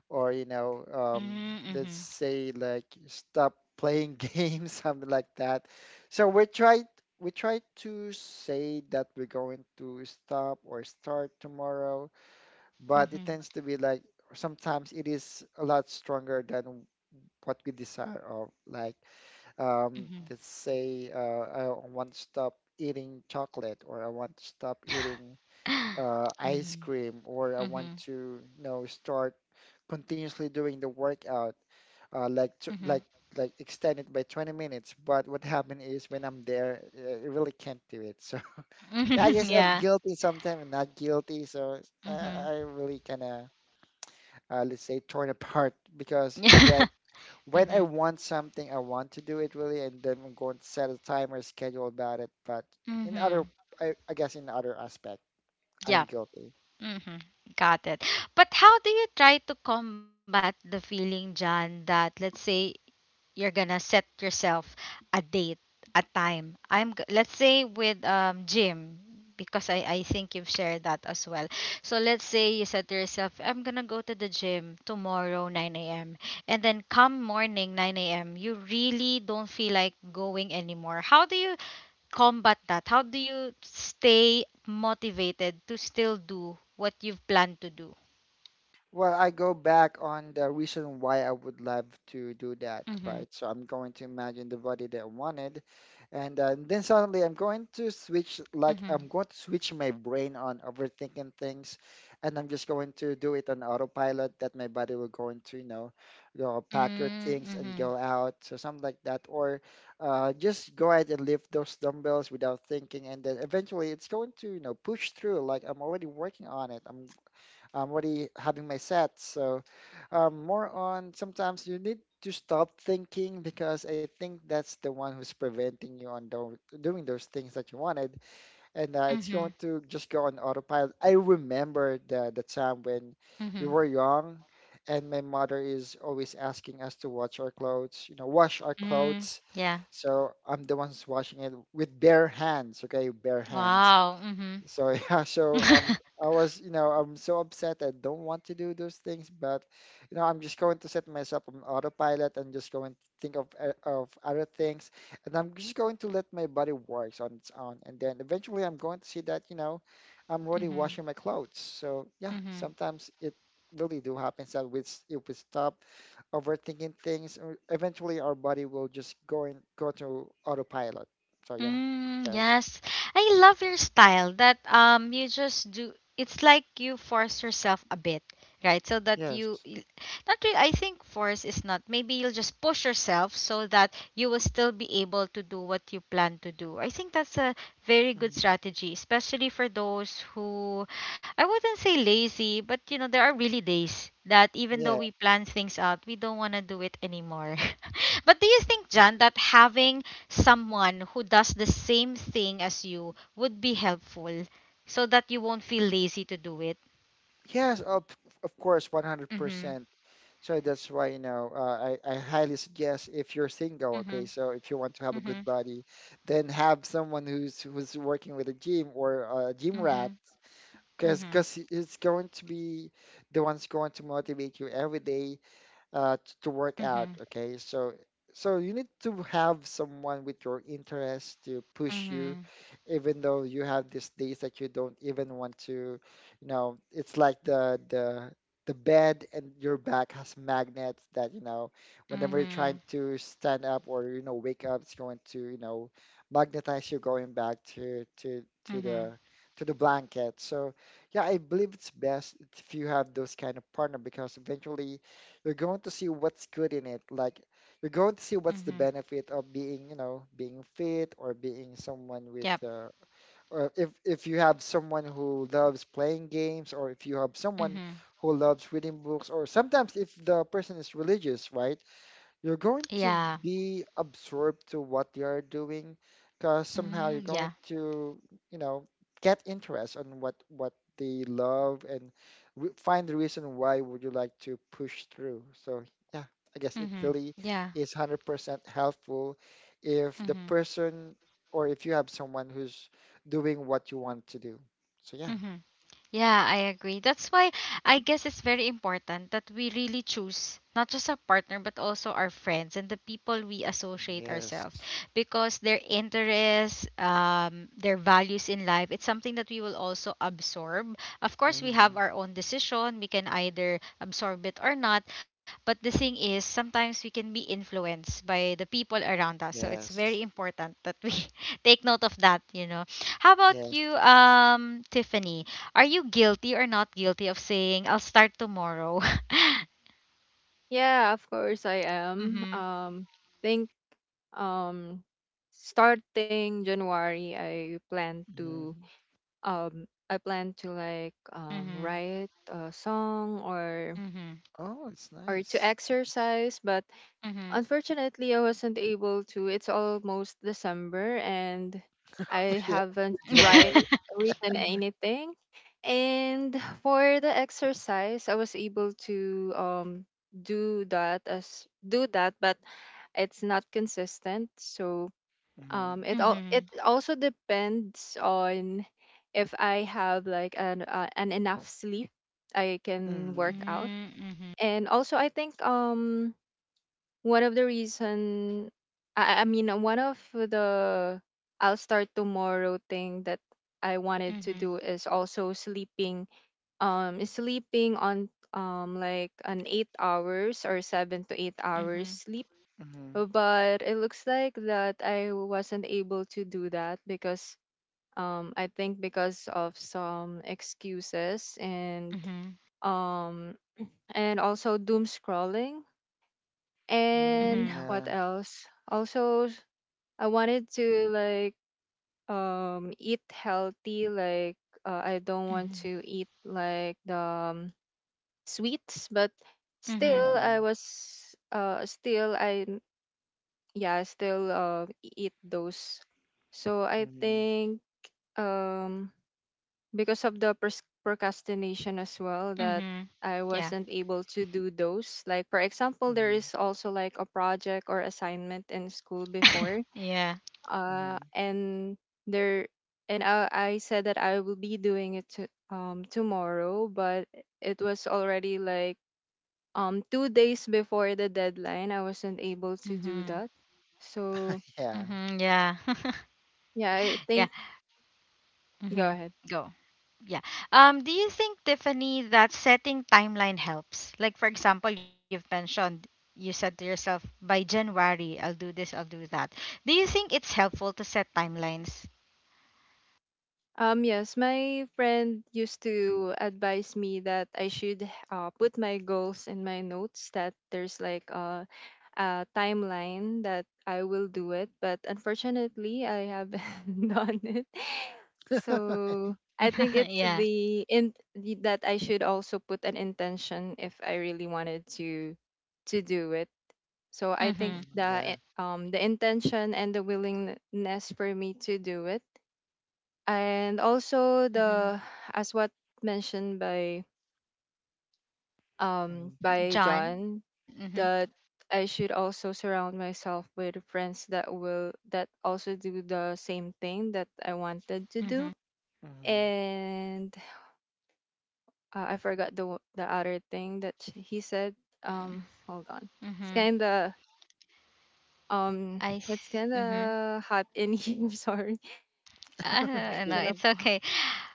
B: or you know,
A: Mhm,
B: let's
A: mhm,
B: say like stop playing *laughs* games, something like that. So we try to say that we're going to stop or start tomorrow, but it
A: mhm,
B: tends to be like, sometimes it is a lot stronger than what we desire of, like,
A: mhm.
B: let's say, I want to stop eating chocolate or I want to stop eating ice
A: Mhm,
B: cream, or I want
A: mhm,
B: to, you know, start continuously doing the workout, like t
A: mhm,
B: like extend it by 20 minutes. But what happened is when I'm there, I really can't do it. So *laughs* yeah, I
A: mhm.
B: guess
A: *laughs*
B: I'm
A: Yeah.
B: guilty sometimes and not guilty. So
A: Mhm.
B: I really kind of, let's say torn apart, because
A: Yeah.
B: again,
A: *laughs*
B: when I
A: Mhm.
B: want something, I want to do it really, and then I'm going to set a timer schedule about it. But in other,
A: Mhm.
B: I guess in other aspect, I'm
A: Yeah.
B: guilty.
A: Mhm. Got it. But how do you try to combat the feeling, John, that let's say, you're gonna set yourself a date, a time. Let's say with Jim, because I think you've shared that as well. So let's say you said to yourself, I'm gonna go to the gym tomorrow 9 a.m., and then come morning 9 a.m., you really don't feel like going anymore. How do you combat that? How do you stay motivated to still do what you've planned to do?
B: Well, I go back on the reason why I would love to do that,
A: Mhm.
B: right? So I'm going to imagine the body that I wanted, and then suddenly I'm going to switch, like I'm
A: Mhm.
B: going to switch my brain on overthinking things, and I'm just going to do it on autopilot, that my body will going to, you know, go pack your
A: Mm,
B: things and go
A: mhm.
B: out, so something like that, or just go ahead and lift those dumbbells without thinking, and then eventually it's going to, you know, push through. Like I'm already working on it. I'm already having my set. So more on sometimes you need to stop thinking, because I think that's the one who's preventing you on do doing those things that you wanted, and it's going
A: Mhm.
B: to just go on autopilot. I remember the time when we
A: Mhm.
B: were young, and my mother is always asking us to watch our clothes, you know, wash our
A: Mm,
B: clothes.
A: yeah.
B: So I'm the one who's washing it with bare hands, okay, bare hands.
A: Wow. Mhm.
B: So *laughs* yeah, so
A: Mhm.
B: I was, you know, I'm so upset. I don't want to do those things, but you know, I'm just going to set myself on autopilot and just going to think of other things, and I'm just going to let my body works on its own, and then eventually I'm going to see that, you know, I'm already
A: Mhm.
B: washing my clothes. So yeah,
A: Mhm. *laughs*
B: sometimes it really do happens that if we stop overthinking things, eventually our body will just go to autopilot. So yeah,
A: Mm,
B: yes,
A: yes. I love your style that you just do, it's like you force yourself a bit, right? So that you
B: yes.
A: not really, I think force is not. Maybe you'll just push yourself so that you will still be able to do what you plan to do. I think that's a very good
B: Mm.
A: strategy, especially for those who, I wouldn't say lazy, but you know, there are really days that even though
B: Yeah.
A: we plan things out, we don't want to do it anymore. *laughs* But do you think, John, that having someone who does the same thing as you would be helpful so that you won't feel lazy to do it?
B: Yes, of course,
A: Mhm.
B: 100%. So that's why, you know, I highly suggest if you're single. Okay,
A: Mhm.
B: so if you want to have a good
A: Mhm.
B: body, then have someone who's working with a gym, or a gym rat,
A: Mhm. Mhm.
B: because it's going to be the one's going to motivate you every day, to work out.
A: Mhm.
B: Okay, so, so you need to have someone with your interest to push you,
A: Mhm.
B: even though you have these days that you don't even want to. You know, it's like the bed and your back has magnets, that you know whenever you're
A: Mhm.
B: trying to stand up or you know wake up, it's going to, you know, magnetize you going back to to
A: Mhm.
B: the blanket. So yeah, I believe it's best if you have those kind of partner, because eventually you're going to see what's good in it. Like, you're going to see what's the
A: Mhm.
B: benefit of being, you know, being fit, or being someone with,
A: Yep.
B: or if you have someone who loves playing games, or if you have someone
A: Mhm.
B: who loves reading books, or sometimes if the person is religious, right? You're going
A: Yeah.
B: to be absorbed to what you're doing, because somehow
A: Mhm.
B: you're
A: Yeah.
B: going to, you know, get interest on what they love, and find the reason why would you like to push through. So yeah, I guess it
A: Mhm.
B: really
A: Yeah.
B: is 100% helpful if the
A: Mhm.
B: person, or if you have someone who's doing what you want to do. So yeah.
A: Mm-hmm. Yeah, I agree. That's why I guess it's very important that we really choose, not just our partner, but also our friends and the people we associate ourselves,
B: Yes.
A: because their interests, their values in life, it's something that we will also absorb. Of course, we have
B: Mhm.
A: our own decision. We can either absorb it or not. But the thing is, sometimes we can be influenced by the people around us. So it's very
B: Yes.
A: important that we *laughs* take note of that, you know. How about
B: Yes.
A: you, Tiffany? Are you guilty or not guilty of saying, I'll start tomorrow? *laughs*
C: Yeah, of course I am.
A: Mm-hmm.
C: Think um Starting January I plan to,
B: Mhm.
A: Mm-hmm.
C: write a song, or
A: Mm-hmm.
B: Oh, it's
C: or to
B: nice.
C: exercise. But
A: Mm-hmm.
C: unfortunately, I wasn't able to. It's almost December, and I
B: Yeah,
C: haven't write
B: general.
A: *laughs*
C: written
A: Mhm,
C: anything. And for the exercise, I was able to do that, but it's not consistent. So,
B: Mm-hmm.
C: it
A: mhm,
C: also depends on if I have like an enough sleep, I can
B: Mm-hmm.
C: work out.
A: mhm,
C: And also I think, one of the reason, I mean, one of the I'll start tomorrow thing that I wanted
A: mhm,
C: to
A: mhm,
C: do is also sleeping, on, like, an 8 hours or 7 to 8 hours
A: mhm,
C: sleep.
B: Mm-hmm.
C: But it looks like that I wasn't able to do that, because I think, because of some excuses and,
A: mhm,
C: um and also doom scrolling. And
B: Mm-hmm.
A: mhm,
C: what
B: Yeah.
C: else? Also, I wanted to, like, eat healthy. Like, I don't want
A: mhm,
C: to eat like the, sweets, but
A: mhm,
C: still
B: Mm-hmm.
C: I n- yeah still eat those. So I
B: Mm-hmm.
C: think, um because of the, procrastination as well, that
A: mhm.
C: I
A: Yeah.
C: wasn't able to do those. Like, for example, there
B: Mm-hmm.
C: is also like a project or assignment in school
A: *laughs*
C: before,
A: Yeah.
C: uh,
B: Mm-hmm.
C: and there and I said that I will be doing it, tomorrow, but it was already like, 2 days before the deadline. I wasn't able to do
A: Mhm.
C: that, so
B: Yeah.
A: Mhm. Yeah. *laughs*
C: yeah, I
A: Yeah.
C: think, go
A: Mhm.
C: ahead.
A: Go. Yeah. Do you think, Tiffany, that setting timeline helps? Like, for example, you've mentioned, you said to yourself, by January, I'll do this, I'll do that. Do you think it's helpful to set timelines?
C: Yes, my friend used to advise me that I should, put my goals in my notes, that there's like a timeline that I will do it. But unfortunately, I haven't *laughs* done it.
B: *laughs*
C: So I think
A: *laughs*
C: it's
A: Yeah.
C: the in the- that I should also put an intention if I really wanted to do it. So I think
A: Mm-hmm.
B: Mm-hmm.
C: the
B: Yeah.
C: i- um the intention and the willingness for me to do it and also
A: Mm-hmm.
C: the, as what mentioned by um
B: Mm-hmm.
C: by
A: John?
C: John,
A: Mm-hmm.
C: that I should also surround myself with friends that will that also do the same thing that I wanted to
A: Mm-hmm.
C: do.
B: Mm-hmm.
C: And I forgot the other thing that he said. Hold on, it's
A: Mm-hmm.
C: kind of
A: I,
C: it's kind
A: mm-hmm.
C: of hot in here *laughs* sorry,
A: I
B: *laughs*
C: I
A: don't know.
B: Okay.
C: cannot-
A: It's okay.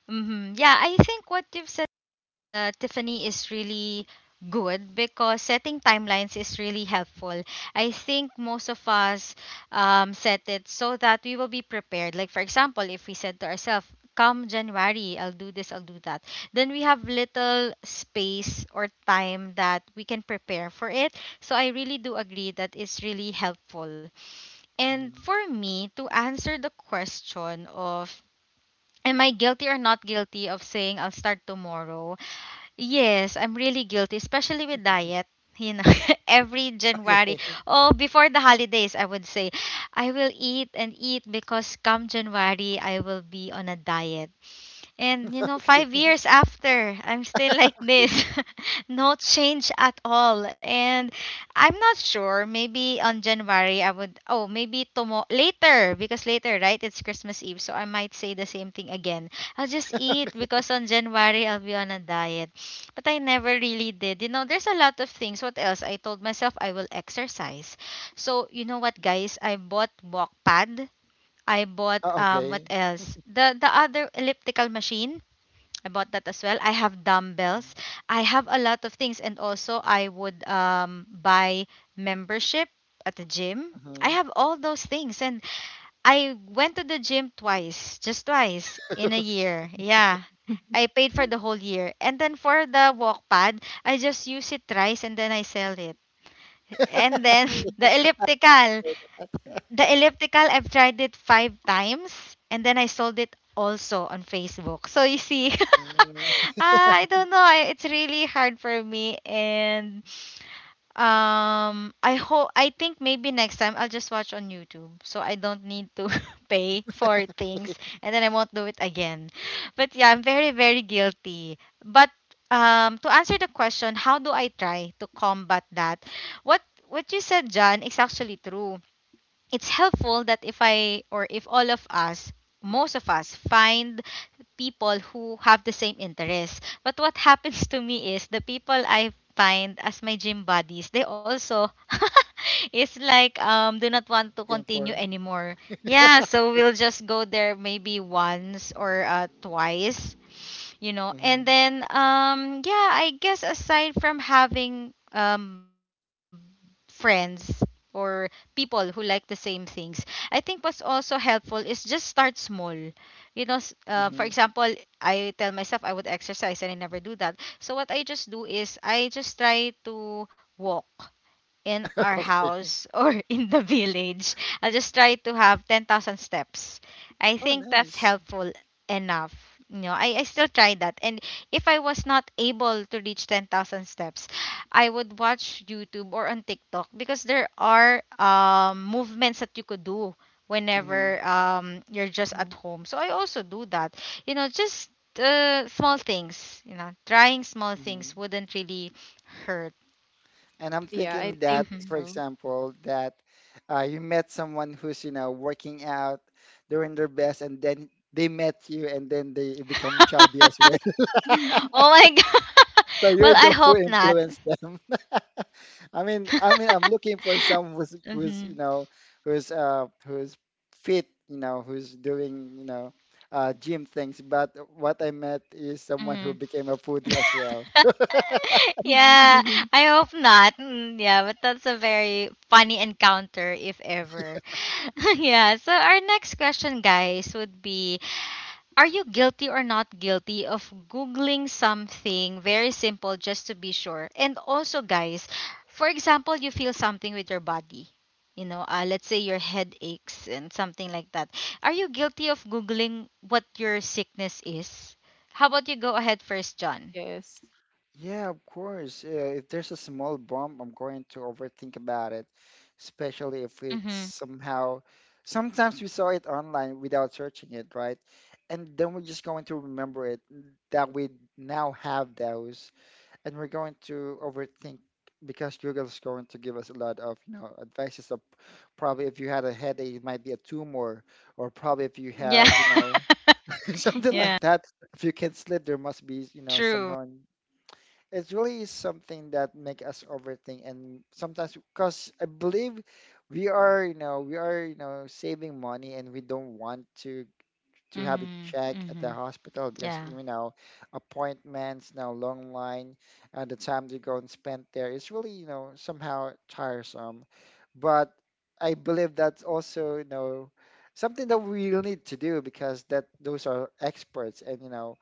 A: Mm-hmm. Yeah, I think what you've said, Tiffany, is really good because setting timelines is really helpful. I think most of us set it so that we will be prepared. Like, for example, if we said to ourselves, come January, I'll do this, I'll do that, then we have little space or time that we can prepare for it. So, I really do agree that it's really helpful. And
B: Mm-hmm.
A: for me, to answer the question of, am I guilty or not guilty of saying I'll start tomorrow? Yes, I'm really guilty, especially with diet. You know, *laughs* every
B: Okay,
A: January, oh, before the holidays, I would say, I will eat and eat because come January, I will be on a diet. And you know, five
B: okay. *laughs*
A: years after, I'm still like this. *laughs* No change at all. And I'm not sure. Maybe on January I would, oh, maybe tomorrow, later, because later, right? It's Christmas Eve. So I might say the same thing again. I'll just eat because on January I'll be on a diet. But I never really did. You know, there's a lot of things. What else? I told myself I will exercise. So, you know what, guys? I bought walk pad. I bought
B: Oh,
A: what
B: okay.
A: else? The other elliptical machine I bought that as well. I have dumbbells. I have a lot of things, and also I would buy membership at the gym. I
B: Mm-hmm.
A: have all those things, and I went to the gym twice, just twice in a
B: *laughs*
A: year. Yeah, I paid for the
C: *laughs*
A: whole year, and then for the walk pad, I just use it thrice, and then I sell it. And then
C: oh
A: *laughs* the elliptical, I've tried it five times and then I sold it also on Facebook. So you see, *laughs*
B: Mm.
A: I don't know. It's really hard for me, and I think maybe next time I'll just watch on YouTube, so I don't need to *laughs* pay for things, and then I won't do it again. But yeah, I'm very very guilty. But to answer the question, how do I try to combat that? What what you said, John, is actually true. It's helpful that if I or if all of us, most of us, find people who have the same interests. But what *laughs* happens to me is the people I find as my gym buddies, they also *laughs* is like do not want to
B: *laughs* Game
A: continue
B: four.
A: anymore.
B: *laughs*
A: Yeah, so we'll just go there maybe once or twice, you know, and
B: Mm-hmm.
A: then yeah, I guess aside from having friends or people who like the same things, I think what's also helpful is just start small. You know, for
B: Mm-hmm.
A: example, I tell myself I would exercise and I never do that, so what I just do is I just try to walk in
B: *laughs*
A: our
B: Okay.
A: house or *laughs* in the village. I'll just try to have 10,000 steps. I
B: Oh,
A: think that's
B: nice.
A: helpful enough. You know, I still try that. And if I was not able to reach 10,000 steps, I would watch YouTube or on TikTok because there are movements that you could do
B: Mm-hmm.
A: whenever you're just
C: yeah.
A: at home. So I also do that. You know, just small things, you know, trying small things wouldn't really hurt.
B: And I'm
C: Yeah, I
B: thinking
C: think
B: that,
A: Mhm.
B: for
C: so.
B: example, that you met someone who's, you know, working out, doing their best, and then they met you and then they become chubby as well. *laughs*
A: *laughs* Oh my god. *laughs*
B: So
A: Well,
B: you're
A: I
B: the who
A: hope not.
B: influenced them. *laughs*
A: *laughs*
B: I mean, I'm looking for someone you
A: Mhm.
B: know, who's, fit, you know, who's doing, you know, gym things. But what I met is someone who
A: Mhm.
B: became a foodie as well.
A: *laughs* Yeah,
C: *laughs*
A: I hope not. Mm, yeah, but that's a very funny encounter if ever. *laughs* Yeah, so our next question, guys, would be, are you guilty or not guilty of Googling something very simple just to be sure? And also, guys, for example, you feel something with your body. You know, let's say your head aches and something like that. Are you guilty of Googling what your sickness is? How about you go ahead first, John?
C: Yes.
B: Yeah, of course. If there's a small bump, I'm going to overthink about it, especially if it's
A: Mm-hmm.
B: somehow. Sometimes we saw it online without searching it, right? And then we're just going to remember it that we now have those, and we're going to overthink, because Google's going to give us a lot of, you know, advices of, probably if you had a headache, it might be a tumor, or probably if you
A: Yeah.
B: have, you know, *laughs*
A: *laughs*
B: something
A: Yeah.
B: like that. If you can't sleep, there must be, you know,
A: True.
B: somehow it's really something that make us overthink. And sometimes, because I believe we are, you know, we are, you know, saving money, and we don't want to have it
A: Mm-hmm.
B: checked at the
A: Mm-hmm.
B: hospital, because
A: Yeah.
B: you know appointments now, long line, and the time to go and spend there is really, you know, somehow tiresome. But I believe that's also, you know, something that we will need to do, because that those are experts, and, you know,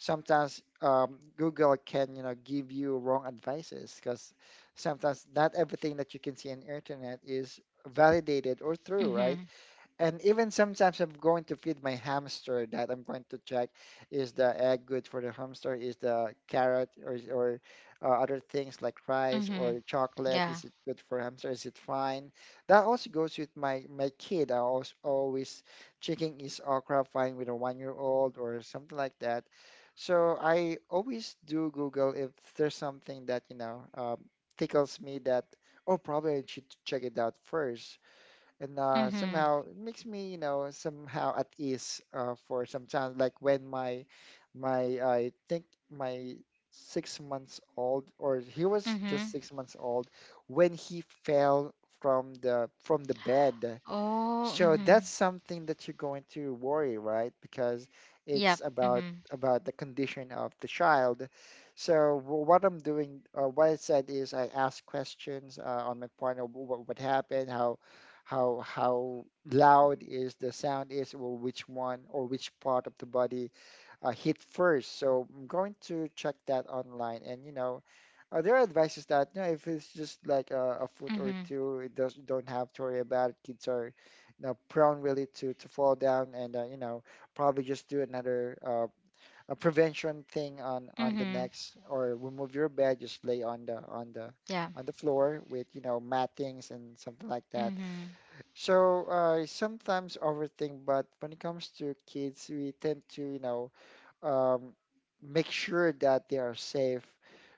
B: sometimes Google can, you know, give you wrong advices, because sometimes not everything that you can see on internet is validated or true, right?
A: Mm-hmm.
B: And even sometimes I'm going to feed my hamster that I'm going to check, is the egg good for the hamster? Is the carrot or other things like rice
A: Mm-hmm.
B: or chocolate,
A: Yeah.
B: is it good for hamster? Is it fine? That also goes with my kid. I also always checking, is okra fine with a 1 year old or something like that. So I always do Google if there's something that tickles me that, oh, probably I should check it out first, and
A: Mm-hmm.
B: somehow it makes me, somehow at ease for some time. Like when my I think my 6 months old, or he was just
A: Mm-hmm.
B: 6 months old when he fell from the bed.
A: Oh,
B: So
A: mm-hmm.
B: that's something that you're going to worry, right? Because
A: Yep.
B: it's about
A: Mhm.
B: about the condition of the child. So what I'm doing, what I said is I ask questions on my partner, what happened, how loud is the sound is, or which one or which part of the body hit first. So I'm going to check that online, and you know, there advice is that, you know, if it's just like a foot or
A: Mhm.
B: two, it does don't have to worry about it. Kids are, you know, prone really to fall down, and you know, probably just do another a prevention thing on the
A: Mhm.
B: next, or remove your bed, just lay on the on the
A: Yeah.
B: on the floor with, you know, mattings and something like that.
A: Mhm.
B: So sometimes overthink, but when it comes to kids, we tend to, you know um, make sure that they are safe.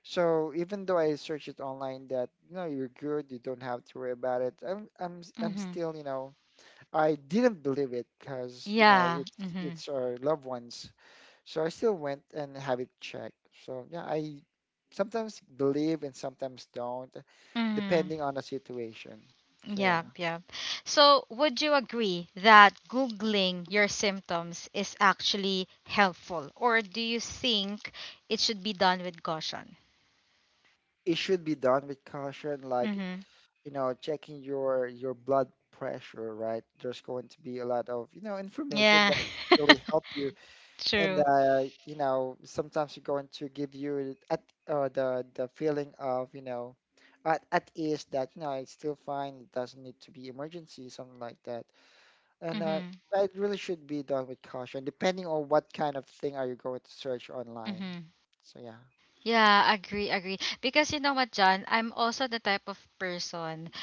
B: So even though I search it online that, you know, you're good, you don't have to worry about it, I'm
A: Mhm.
B: still, you know, I didn't believe it, because you know
A: Yeah.
B: it's
A: Mhm.
B: it's our loved ones. So I still went and have it checked. So yeah, I sometimes believe and sometimes don't,
A: Mhm.
B: depending on the situation. So
A: Yeah,
B: yeah,
A: yeah. So, would you agree that googling your symptoms is actually helpful or do you think it should be done with caution?
B: it should be done with caution. Like,
A: Mhm.
B: you know, checking your blood pressure, right, there's going to be a lot of, you know, information
A: Yeah.
B: that really help you.
A: *laughs*
B: And
A: True.
B: you know, sometimes you're going to give you at the feeling of, you know, at ease, that you know it's still fine, it doesn't need to be emergency, something like that. And
A: Mhm.
B: it really should be done with caution, depending on what kind of thing are you going to search online.
A: Mhm.
B: So yeah.
A: Yeah, agree, agree. Because you know what, John, I'm also the type of person,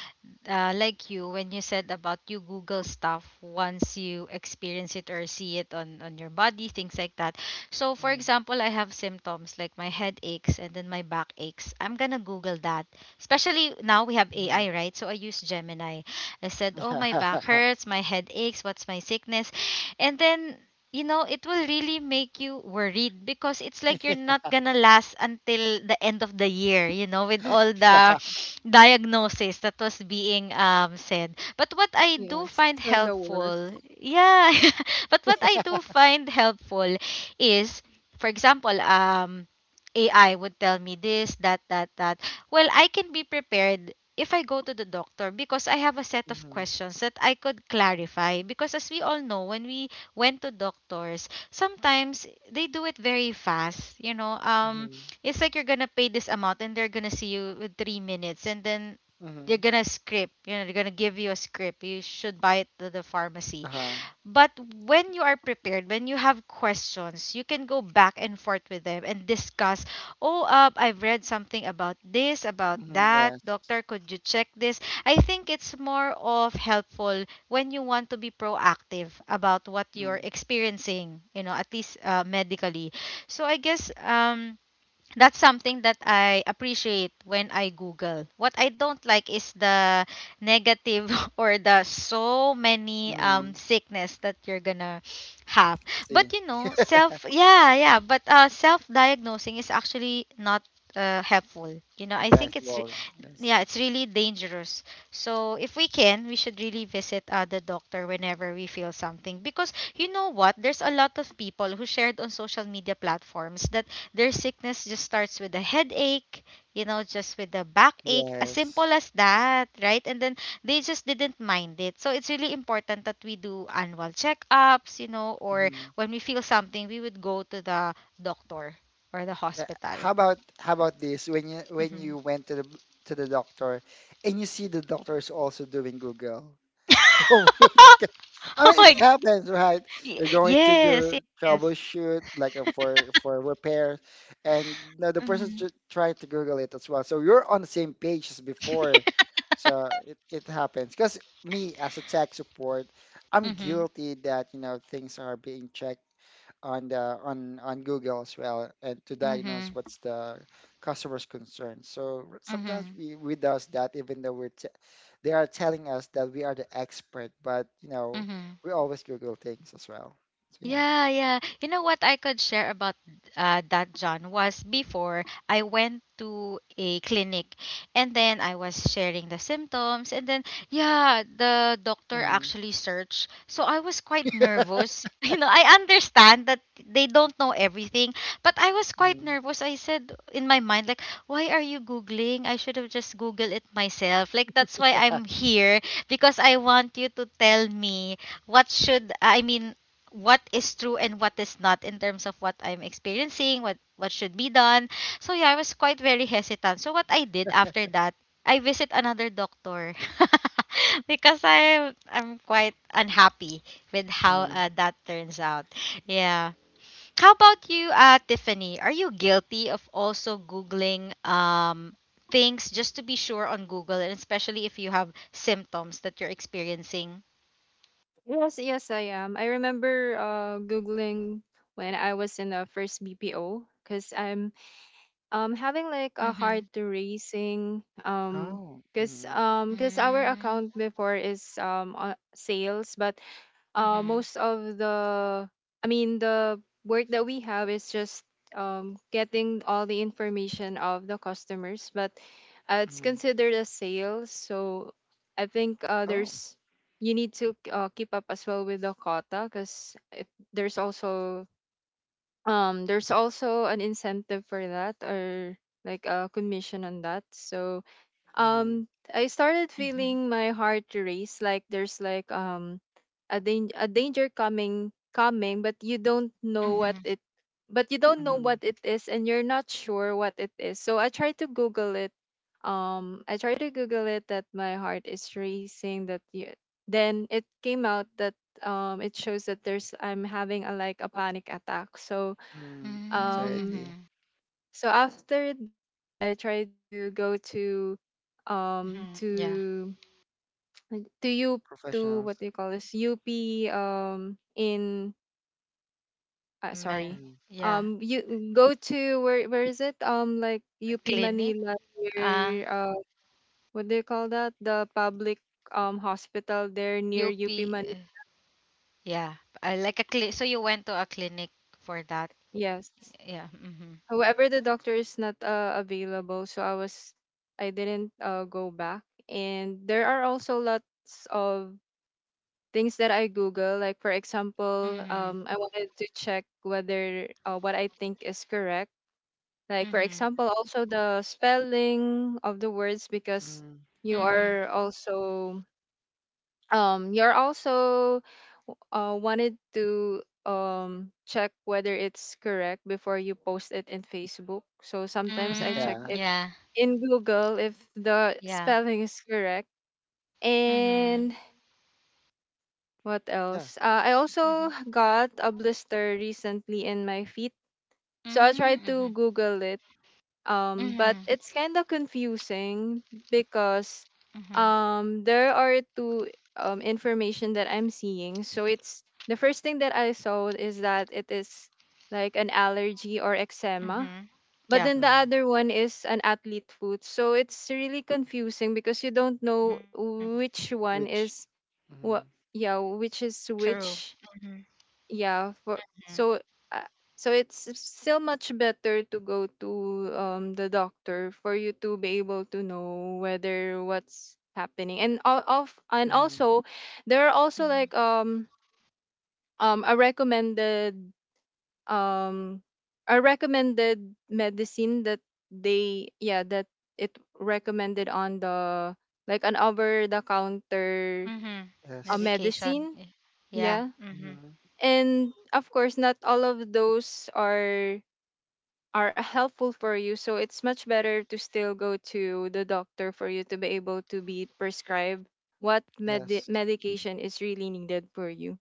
A: like you when you said about you google stuff once you experience it or see it on your body, things like that. So for example, I have symptoms like my head aches and then my back aches, I'm gonna google that, especially now we have
B: Mm-hmm.
A: AI, right? So I use Gemini. I said,
B: *laughs*
A: oh, my back
B: Yeah.
A: hurts, my head aches, what's my sickness? And then, you know, it will really make you worried because it's like you're not gonna last until the end of the year, you know, with all the
B: Yeah.
A: *sniffs* diagnosis that was being said. But what I do
C: Yes.
A: find
C: It's kinda work.
A: helpful, yeah, *laughs* but what I do find helpful is, for example, AI would tell me this, that, that, that. Well, I can be prepared if I go to the doctor because I have a set of
B: Mm-hmm.
A: questions that I could clarify. Because as we all know, when we went to doctors, sometimes they do it very fast. You know,
B: Mm-hmm.
A: it's like you're gonna pay this amount and they're gonna see you with 3 minutes, and then they're
B: Hmm.
A: gonna script. You know, they're gonna give you a script. You should buy it to the pharmacy,
B: Uh-huh.
A: but when you are prepared, when you have questions, you can go back and forth with them and discuss. Oh, I've read something about this, about
B: Mm-hmm,
A: that.
B: yes.
A: Doctor, could you check this? I think it's more of helpful when you want to be proactive about what
B: Mm-hmm.
A: you're experiencing, you know, at least medically. So I guess that's something that I appreciate when I Google. What I don't like is the negative *laughs* or the so many
B: Mm-hmm.
A: sickness that you're gonna have. But
B: See,
A: you know, self yeah, yeah, but self diagnosing is actually not helpful. You know, I think it's
B: advisable. Yes.
A: yeah, it's really dangerous. So if we can, we should really visit the doctor whenever we feel something. Because you know what? There's a lot of people who shared on social media platforms that their sickness just starts with a headache, you know, just with a backache, as simple
B: Yes.
A: as that, right? And then they just didn't mind it. So it's really important that we do annual checkups, you know, or
B: Mm-hmm.
A: when we feel something, we would go to the doctor or the
B: Yeah.
A: hospital.
B: How about this? When
A: Hmm.
B: you went to the doctor, and you see the doctor is also doing Google. *laughs*
A: *laughs*
B: I
A: Oh
B: mean, it
A: my.
B: happens, right?
A: Ye-
B: You're going to
A: Yes,
B: do
A: yes.
B: troubleshoot, like for repairs, and now the person
A: Mm-hmm.
B: tr trying to Google it as well. So you're on the same page as before. So it happens. Because me, as a tech support, I'm
A: Mm-hmm.
B: guilty that, you know, things are being checked on the on Google as well, and to diagnose
A: Mm-hmm.
B: what's the customer's concern. So sometimes we does that, even though we're t they are telling us that we are the expert, but you know
A: Mm-hmm.
B: we always Google things as well. So yeah.
A: Yeah, yeah. You know what I could share about, that, John, was before I went to a clinic and then I was sharing the symptoms. And then, yeah, the doctor
B: Mm-hmm.
A: actually searched. So I was quite nervous. *laughs* You know, I understand that they don't know everything, but I was quite
B: Mm-hmm.
A: nervous. I said in my mind, like, why are you Googling? I should have just Googled it myself. Like, that's why
B: Yeah.
A: I'm
B: *laughs*
A: here because I want you to tell me what should I mean what is true and what is not in terms of what I'm experiencing, what should be done. So yeah, I was quite very hesitant. So what I did after that, I visit another doctor, *laughs* because I'm quite unhappy with how
B: Mm-hmm.
A: that turns out. Yeah. How about you, Tiffany? Are you guilty of also googling things just to be sure on Google, and especially if you have symptoms that you're experiencing?
C: Yes, yes, I am. I remember Googling when I was in the first BPO because I'm having like a
A: Mm-hmm.
C: hard to raising,
B: Oh. Mm-hmm.
C: because our
A: Mm-hmm.
C: account before is on sales. But
A: Mm-hmm.
C: most of the, I mean, the work that we have is just getting all the information of the customers, but it's
B: Mm-hmm.
C: considered a sale. So I think
B: Oh.
C: there's, you need to keep up as well with the quota because there's also, there's also an incentive for that, or like a commission on that. So
B: Mm-hmm.
C: I started
A: Mm-hmm.
C: feeling my heart race, like there's like a danger coming, but you don't know what
A: Mm-hmm.
C: it but you don't know
B: Mm-hmm.
C: what it is, and you're not sure what it is. So I tried to Google it. I tried to Google it that my heart is racing. Then it came out that it shows that there's I'm having a like a panic attack. So
B: Mm-hmm.
C: um
B: Anxiety.
A: Mm-hmm.
C: so after that, I tried to go to um
A: Mm-hmm. Yeah.
C: to like, to you, to what
B: Professionals.
C: do you call this, UP in sorry.
B: Mm-hmm.
A: Man. Yeah.
C: You go to, where is it, like UP
A: Clinic.
C: Manila,
A: Uh,
C: where what do you call that, the public hospital there near UP
A: UP.
C: Manila.
A: Uh, yeah. So you went to a clinic for that.
C: Yes,
A: Yeah. Mm-hmm.
C: however the doctor is not available, so I didn't go back. And there are also lots of things that I Google. Like for example,
A: Mm-hmm.
C: I wanted to check whether what I think is correct. Like for
A: Mm-hmm.
C: example, also the spelling of the words, because
B: Mm-hmm.
C: you
A: Mm-hmm.
C: are also you're also wanted to check whether it's correct before you post it in Facebook. So sometimes
B: *laughs*
C: I check
A: Mm,
B: Yeah.
C: it
A: yeah.
C: in Google if the
A: Yeah.
C: spelling is correct. And
A: Mm-hmm.
C: what
B: Yeah.
C: else? I also
A: Mm-hmm.
C: got a blister recently in my feet. So I tried to
A: Mm-hmm.
C: Google it. But
A: Mm-hmm.
C: it's kind of confusing because
A: Mm-hmm.
C: there are two information that I'm seeing. So it's, the first thing that I saw is that it is like an allergy or eczema.
A: Mm-hmm.
C: But
A: Yeah.
C: then the
B: Mm-hmm.
C: other one is an athlete foot. So it's really confusing because you don't know
A: Mm-hmm.
C: which one
B: Which.
C: is
B: Mm-hmm.
C: what, yeah, which is
A: True.
C: which.
A: Mm-hmm.
C: Yeah, for so uh, so it's still much better to go to the doctor for you to be able to know whether what's happening. And all of, and
B: Mm-hmm.
C: also there are also
A: Mm-hmm.
C: like um a recommended um a recommended medicine that they yeah that it recommended on the like an over the counter
A: Mm-hmm.
B: Yes.
A: Medication.
C: medicine.
A: Yeah.
C: Yeah.
A: Mm-hmm.
B: Mm-hmm.
C: And of course, not all of those are *laughs* helpful for you, so it's much better to still go to the doctor for you to be able to be prescribed what
B: Yes.
C: medication is really needed for you.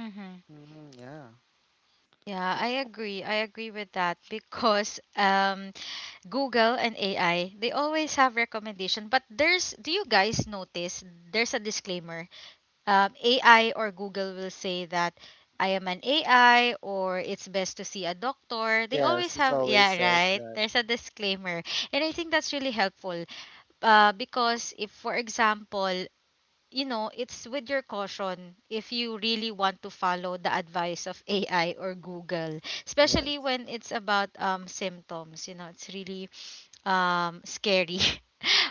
A: Mm-hmm.
B: Hmm. Yeah.
A: Yeah,
B: Yeah.
A: I agree. I agree with that because Google and AI, they always have recommendation. But there's, do you guys notice there's a disclaimer? AI or Google will say that I am an AI or it's best to see a doctor. They
B: Yes.
A: always
B: It
A: have,
B: always
A: yeah,
B: says
A: right?
B: that.
A: There's a disclaimer. And I think that's really helpful, because if, for example, you know, it's with your caution if you really want to follow the advice of AI or Google,
B: Yes.
A: especially when it's about symptoms. You know, it's really scary. *laughs*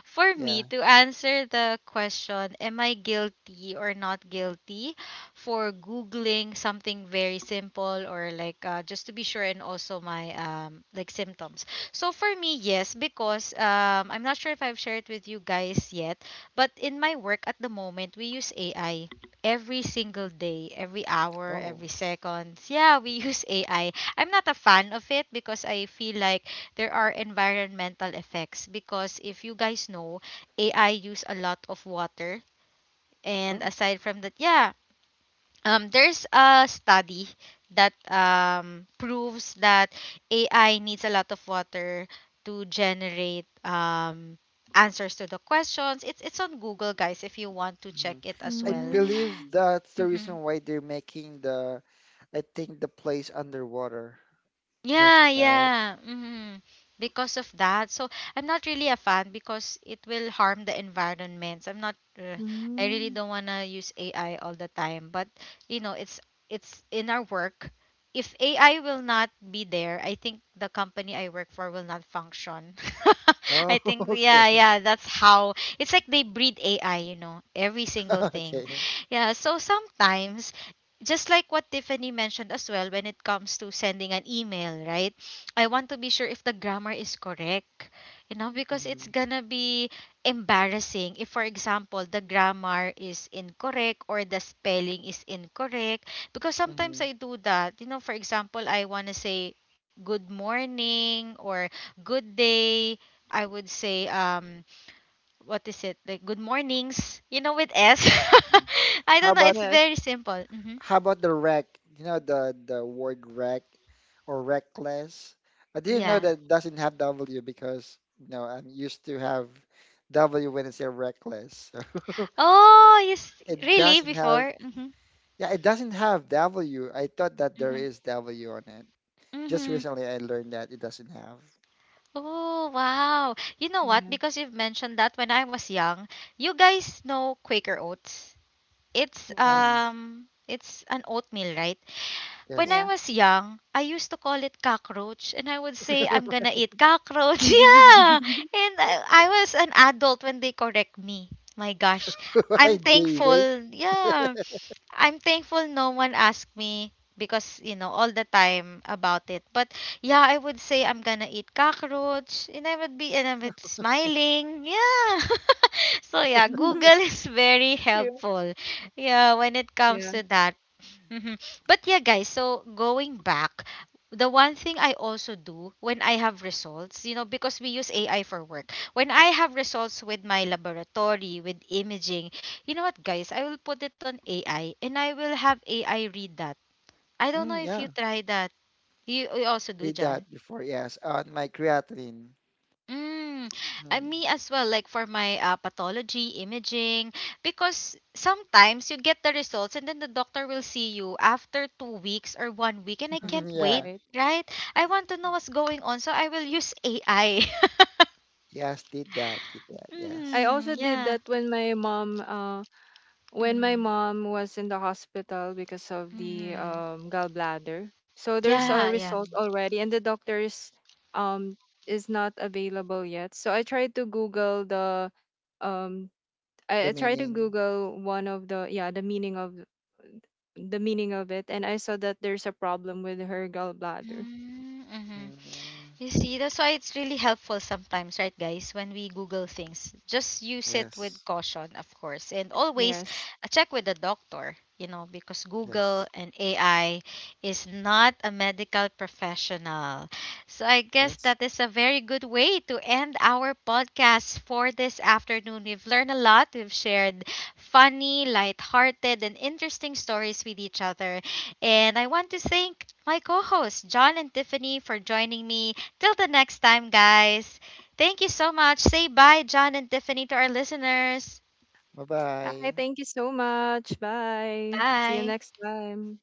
A: For me
B: Yeah.
A: to answer the question, am I guilty or not guilty for Googling something very simple or like, just to be sure, and also my like symptoms. So for me, yes, because I'm not sure if I've shared with you guys yet, but in my work at the moment, we use AI every single day, every hour,
B: Oh.
A: every second. Yeah, we *laughs* use AI. I'm not a fan of it because I feel like there are environmental effects. Because if you guys know, AI use a lot of water. And
B: Oh.
A: aside from that, yeah, there's a study that proves that AI needs a lot of water to generate answers to the questions. It's on Google, guys, if you want to check
B: Hmm.
A: it as
B: I
A: well.
B: believe
C: Mm,
B: that's the
A: Mm-hmm.
B: reason why they're making the, I think the place underwater because of
A: Yeah,
B: that.
A: yeah. Hmm. Because of that. So I'm not really a fan because it will harm the environment. I really
C: mm.
A: don't want to use AI all the time, but you know, it's in our work. If AI will not be there, I think the company I work for will not function. *laughs*
B: Oh,
A: I think
B: *laughs* okay.
A: yeah, yeah, that's how it's like they breed AI, you know, every single
B: *laughs*
A: thing.
B: Okay.
A: Yeah, so sometimes, just like what Tiffany mentioned as well, when it comes to sending an email, right? I want to be sure if the grammar is correct, you know, because it's
B: Mm-hmm.
A: gonna be embarrassing if, for example, the grammar is incorrect or the spelling is incorrect. Because sometimes
B: Mm-hmm.
A: I do that, you know, for example, I wanna say good morning or good day. I would say, what is it? Like, good mornings, you know, with S. *laughs* I
B: How
A: don't know.
B: about.
A: It's
C: Yes.
A: very simple. Hmm.
B: How about the wreck? You know the word wreck or reckless. I didn't know
A: Yeah.
B: that it doesn't have W, because, you know, I'm used to have W when I say reckless. *laughs*
A: Oh, you s
B: So it
A: really
B: doesn't have.
A: before? Mm-hmm.
B: Yeah, it doesn't have W. I thought that there
A: Mm-hmm.
B: is W on it. Just
A: Mm-hmm.
B: recently I learned that it doesn't have.
A: Oh, wow. You know what?
C: Yeah.
A: Because you've mentioned that when I was young, you guys know Quaker oats. It's
B: Hmm.
C: Yes.
A: um it's an oatmeal, right? When I
B: Yes.
C: Yeah.
A: was young, I used to call it cockroach, and I would say, I'm
B: *laughs*
A: gonna eat cockroach. *laughs* Yeah!
C: *laughs*
A: And I was an adult when they correct me. My gosh.
B: I
A: I'm
B: day wait.
A: thankful. Yeah. I'm thankful no one asked me because, you know, all the time about it. But yeah, I would say, I'm gonna eat cockroach. And I would smiling. Yeah. *laughs* So yeah, Google is very
C: Cute.
A: helpful. Yeah, when it comes
C: Yeah.
A: to that. Mhm. But yeah, guys, so going back, the one thing I also do when I have results, you know, because we use AI for work, when I have results with my laboratory, with imaging, you know what, guys, I will put it on AI and I will have AI read that. I don't know
B: Mm,
A: if you
B: yeah,
A: try that. You also do,
B: did
A: John?
B: that before. Yes, on my creatine.
A: Mm, I
B: Mm.
A: me as well, like for my pathology imaging, because sometimes you get the results and then the doctor will see you after 2 weeks or one week, and I
C: Huh.
B: *laughs*
A: can't wait,
B: Yeah.
C: Right.
A: right? I want to know what's going on, so I will use AI.
B: Yes, did that. Did that.
C: I
B: Yes.
A: Mm-hmm,
C: also
A: *laughs*
C: did
A: yeah.
C: that when my
A: Mm-hmm,
C: mom was in the hospital because of the
A: mm-hmm.
C: gallbladder. So there's
A: Yeah,
C: a
A: yeah.
C: result
B: Mm,
C: already, and the doctor's um is not available yet. So I tried to Google the um
B: the
C: I tried to
B: meaning.
C: Google one of the, yeah, the meaning of it, and I saw that there's a problem with her gallbladder.
A: Mm-hmm. Mm-hmm.
B: Mm,
A: You see, that's why it's really helpful sometimes, right, guys, when we Google things. Just use it with
B: yes,
A: caution, of course. And always,
C: Yes.
A: check with the doctor, you know, because
B: yes,
A: Google and AI is not a medical professional. So I guess
B: yes.
A: that is a very good way to end our podcast for this afternoon. We've learned a lot. We've shared funny, lighthearted, and interesting stories with each other. And I want to thank my co hosts, John and Tiffany, for joining me till the next time, guys. Thank you so much. Say bye, John and Tiffany, to our listeners.
B: Bye
C: Hi,
B: bye.
C: thank you so much. Bye. See you
A: Bye.
C: next time.